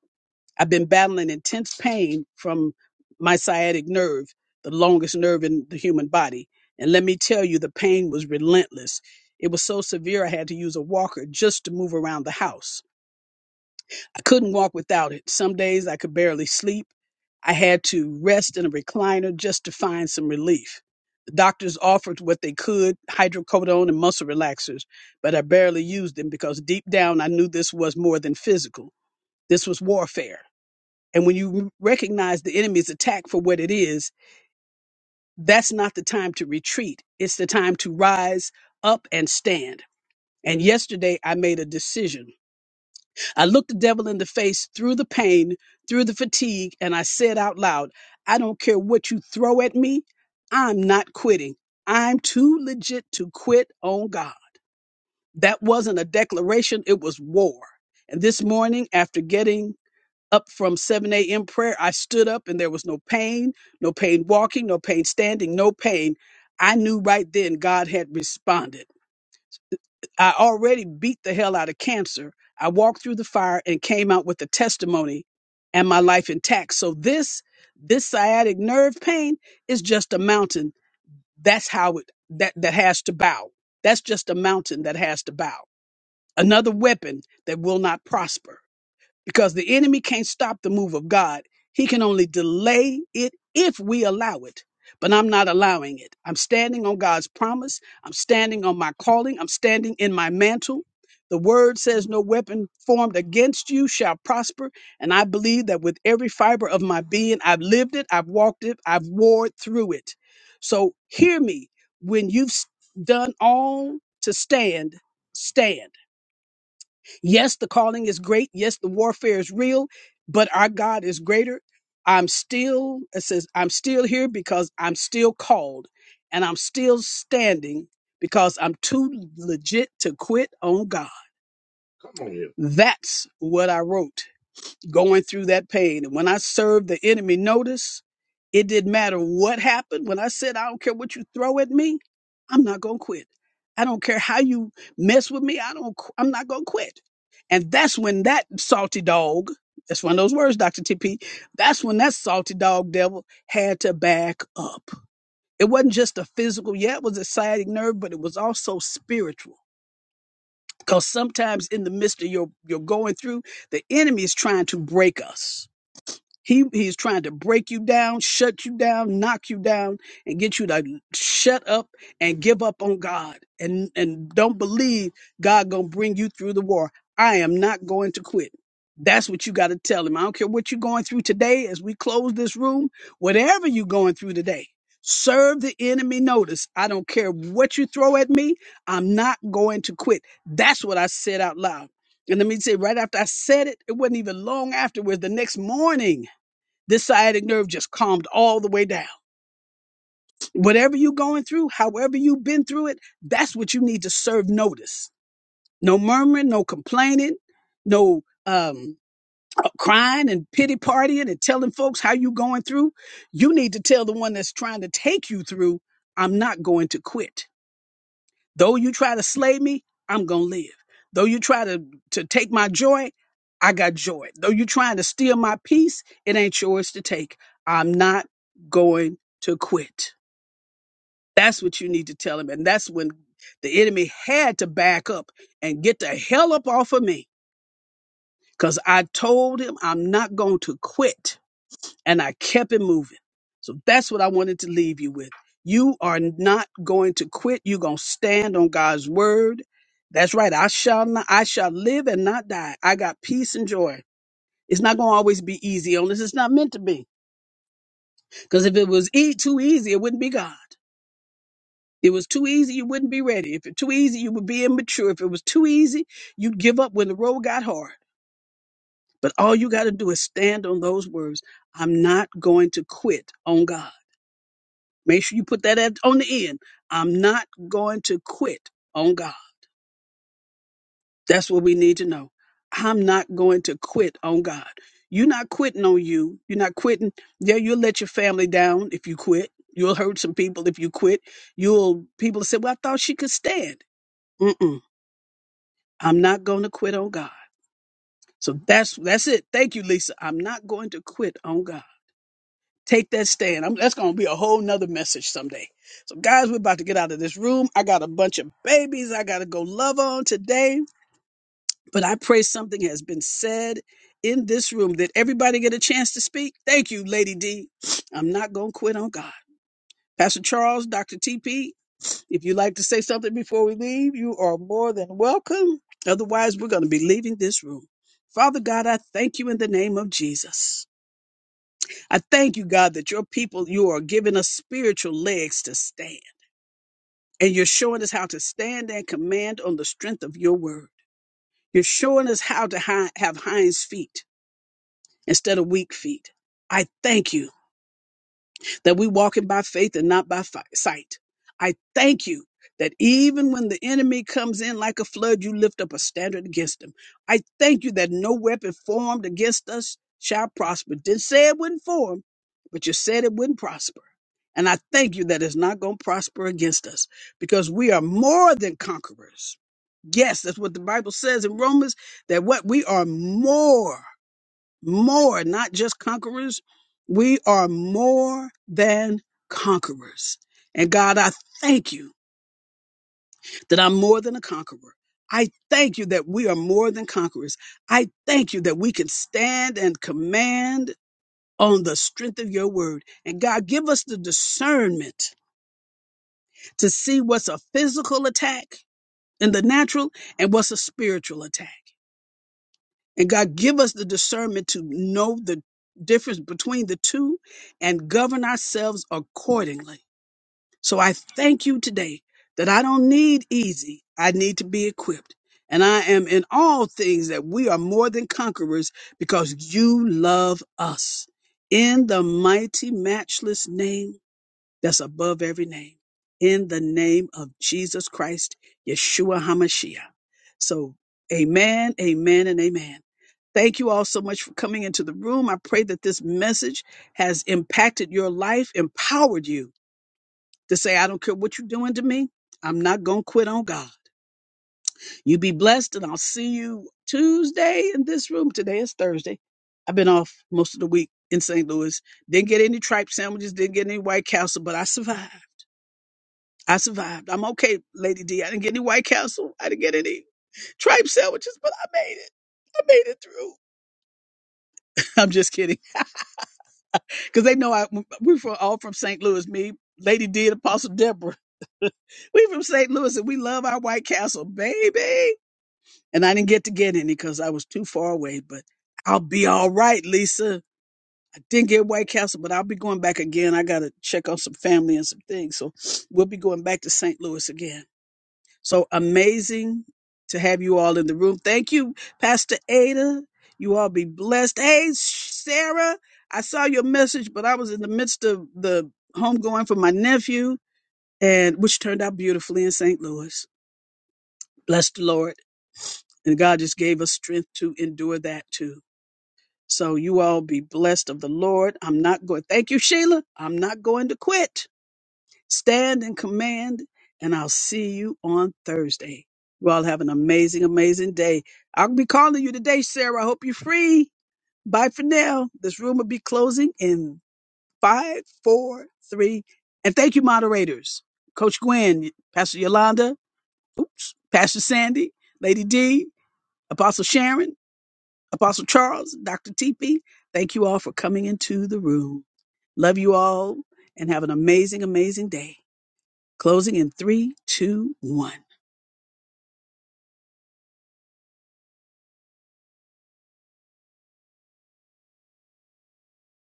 S1: I've been battling intense pain from my sciatic nerve, the longest nerve in the human body. And let me tell you, the pain was relentless. It was so severe, I had to use a walker just to move around the house. I couldn't walk without it. Some days I could barely sleep. I had to rest in a recliner just to find some relief. The doctors offered what they could hydrocodone and muscle relaxers, but I barely used them because deep down I knew this was more than physical. This was warfare. And when you recognize the enemy's attack for what it is, that's not the time to retreat. It's the time to rise up and stand. And yesterday I made a decision. I looked the devil in the face through the pain, through the fatigue, and I said out loud, I don't care what you throw at me, I'm not quitting. I'm too legit to quit on God. That wasn't a declaration, it was war. And this morning, after getting up from 7 a.m. prayer, I stood up and there was no pain, no pain walking, no pain standing, no pain. I knew right then God had responded. I already beat the hell out of cancer. I walked through the fire and came out with a testimony and my life intact. So this this sciatic nerve pain is just a mountain. That's how it that that has to bow. That's just a mountain that has to bow. Another weapon that will not prosper because the enemy can't stop the move of God. He can only delay it if we allow it. But I'm not allowing it. I'm standing on God's promise. I'm standing on my calling. I'm standing in my mantle. The word says, No weapon formed against you shall prosper. And I believe that with every fiber of my being, I've lived it, I've walked it, I've warred through it. So hear me. When you've s- done all to stand, stand. Yes, the calling is great. Yes, the warfare is real, but our God is greater. I'm still, it says, I'm still here because I'm still called and I'm still standing because I'm too legit to quit on God. Come That's what I wrote going through that pain. And when I served the enemy notice, it didn't matter what happened. When I said, I don't care what you throw at me, I'm not going to quit. I don't care how you mess with me. I don't, qu- I'm not going to quit. And that's when that salty dog, that's one of those words, Dr. TP, that's when that salty dog devil had to back up. It wasn't just a physical, yeah, it was a sciatic nerve, but it was also spiritual. Because sometimes in the midst of your, your going through, the enemy is trying to break us he he's trying to break you down, shut you down, knock you down, and get you to shut up and give up on God and and don't believe God gonna bring you through the war. I am not going to quit. That's what you got to tell him. I don't care what you're going through today as we close this room, whatever you're going through today, serve the enemy notice. I don't care what you throw at me. I'm not going to quit. That's what I said out loud. And let me say, right after I said it, it wasn't even long afterwards. The next morning, this sciatic nerve just calmed all the way down. Whatever you're going through, however you've been through it, that's what you need to serve notice. No murmuring, no complaining, no um, uh, crying and pity partying and telling folks how you going through. You need to tell the one that's trying to take you through, I'm not going to quit. Though you try to slay me, I'm going to live. Though you try to, to take my joy, I got joy. Though you're trying to steal my peace, it ain't yours to take. I'm not going to quit. That's what you need to tell him. And that's when the enemy had to back up and get the hell up off of me because I told him I'm not going to quit and I kept it moving. So that's what I wanted to leave you with. You are not going to quit. You're going to stand on God's word. That's right. I shall not, I shall live and not die. I got peace and joy. It's not going to always be easy on this. It's not meant to be. Because if it was e- too easy, it wouldn't be God. It was too easy, you wouldn't be ready. If it too easy, you would be immature. If it was too easy, you'd give up when the road got hard. But all you got to do is stand on those words. I'm not going to quit on God. Make sure you put that at, on the end. I'm not going to quit on God. That's what we need to know. I'm not going to quit on God. You're not quitting on you. You're not quitting. Yeah, you'll let your family down if you quit. You'll hurt some people if you quit. You'll people say, "Well, I thought she could stand." Mm-mm. I'm not going to quit on God. So that's that's it. Thank you, Lisa. I'm not going to quit on God. Take that stand. I'm, that's going to be a whole nother message someday. So, guys, we're about to get out of this room. I got a bunch of babies I got to go love on today. But I pray something has been said in this room. Did everybody get a chance to speak? Thank you, Lady D. I'm not going to quit on God. Pastor Charles, Dr. TP, if you'd like to say something before we leave, you are more than welcome. Otherwise, we're going to be leaving this room. Father God, I thank you in the name of Jesus. I thank you, God, that your people, you are giving us spiritual legs to stand. And you're showing us how to stand and command on the strength of your word. You're showing us how to hi- have hinds feet instead of weak feet. I thank you that we walk in by faith and not by fi- sight. I thank you that even when the enemy comes in like a flood, you lift up a standard against him. I thank you that no weapon formed against us shall prosper. Didn't say it wouldn't form, but you said it wouldn't prosper. And I thank you that it's not going to prosper against us because we are more than conquerors. Yes, that's what the Bible says in Romans that what we are more more, not just conquerors. We are more than conquerors. And God, I thank you that I'm more than a conqueror. I thank you that we are more than conquerors. I thank you that we can stand and command on the strength of your word. And God, give us the discernment to see what's a physical attack in the natural and what's a spiritual attack. And God, give us the discernment to know the difference between the two and govern ourselves accordingly. So I thank you today that I don't need easy, I need to be equipped. And I am in all things that we are more than conquerors because you love us. In the mighty, matchless name that's above every name. In the name of Jesus Christ, Yeshua HaMashiach. So, amen, amen, and amen. Thank you all so much for coming into the room. I pray that this message has impacted your life, empowered you to say, I don't care what you're doing to me, I'm not going to quit on God. You be blessed, and I'll see you Tuesday in this room. Today is Thursday. I've been off most of the week in St. Louis. Didn't get any tripe sandwiches, didn't get any White Castle, but I survived. I survived. I'm okay, Lady D. I didn't get any White Castle. I didn't get any tripe sandwiches, but I made it. I made it through. I'm just kidding, because they know I we're from, all from St. Louis. Me, Lady D, and Apostle Deborah. we from St. Louis, and we love our White Castle, baby. And I didn't get to get any because I was too far away. But I'll be all right, Lisa. I didn't get White Castle, but I'll be going back again. I gotta check on some family and some things, so we'll be going back to St. Louis again. So amazing to have you all in the room. Thank you, Pastor Ada. You all be blessed. Hey, Sarah, I saw your message, but I was in the midst of the homegoing for my nephew, and which turned out beautifully in St. Louis. Bless the Lord. And God just gave us strength to endure that too. So you all be blessed of the Lord. I'm not going. Thank you, Sheila. I'm not going to quit. Stand in command, and I'll see you on Thursday. You all have an amazing, amazing day. I'll be calling you today, Sarah. I hope you're free. Bye for now. This room will be closing in five, four, three. And thank you, moderators. Coach Gwen, Pastor Yolanda, oops, Pastor Sandy, Lady D, Apostle Sharon, Apostle Charles, Dr. TP. Thank you all for coming into the room. Love you all and have an amazing, amazing day. Closing in three, two, one.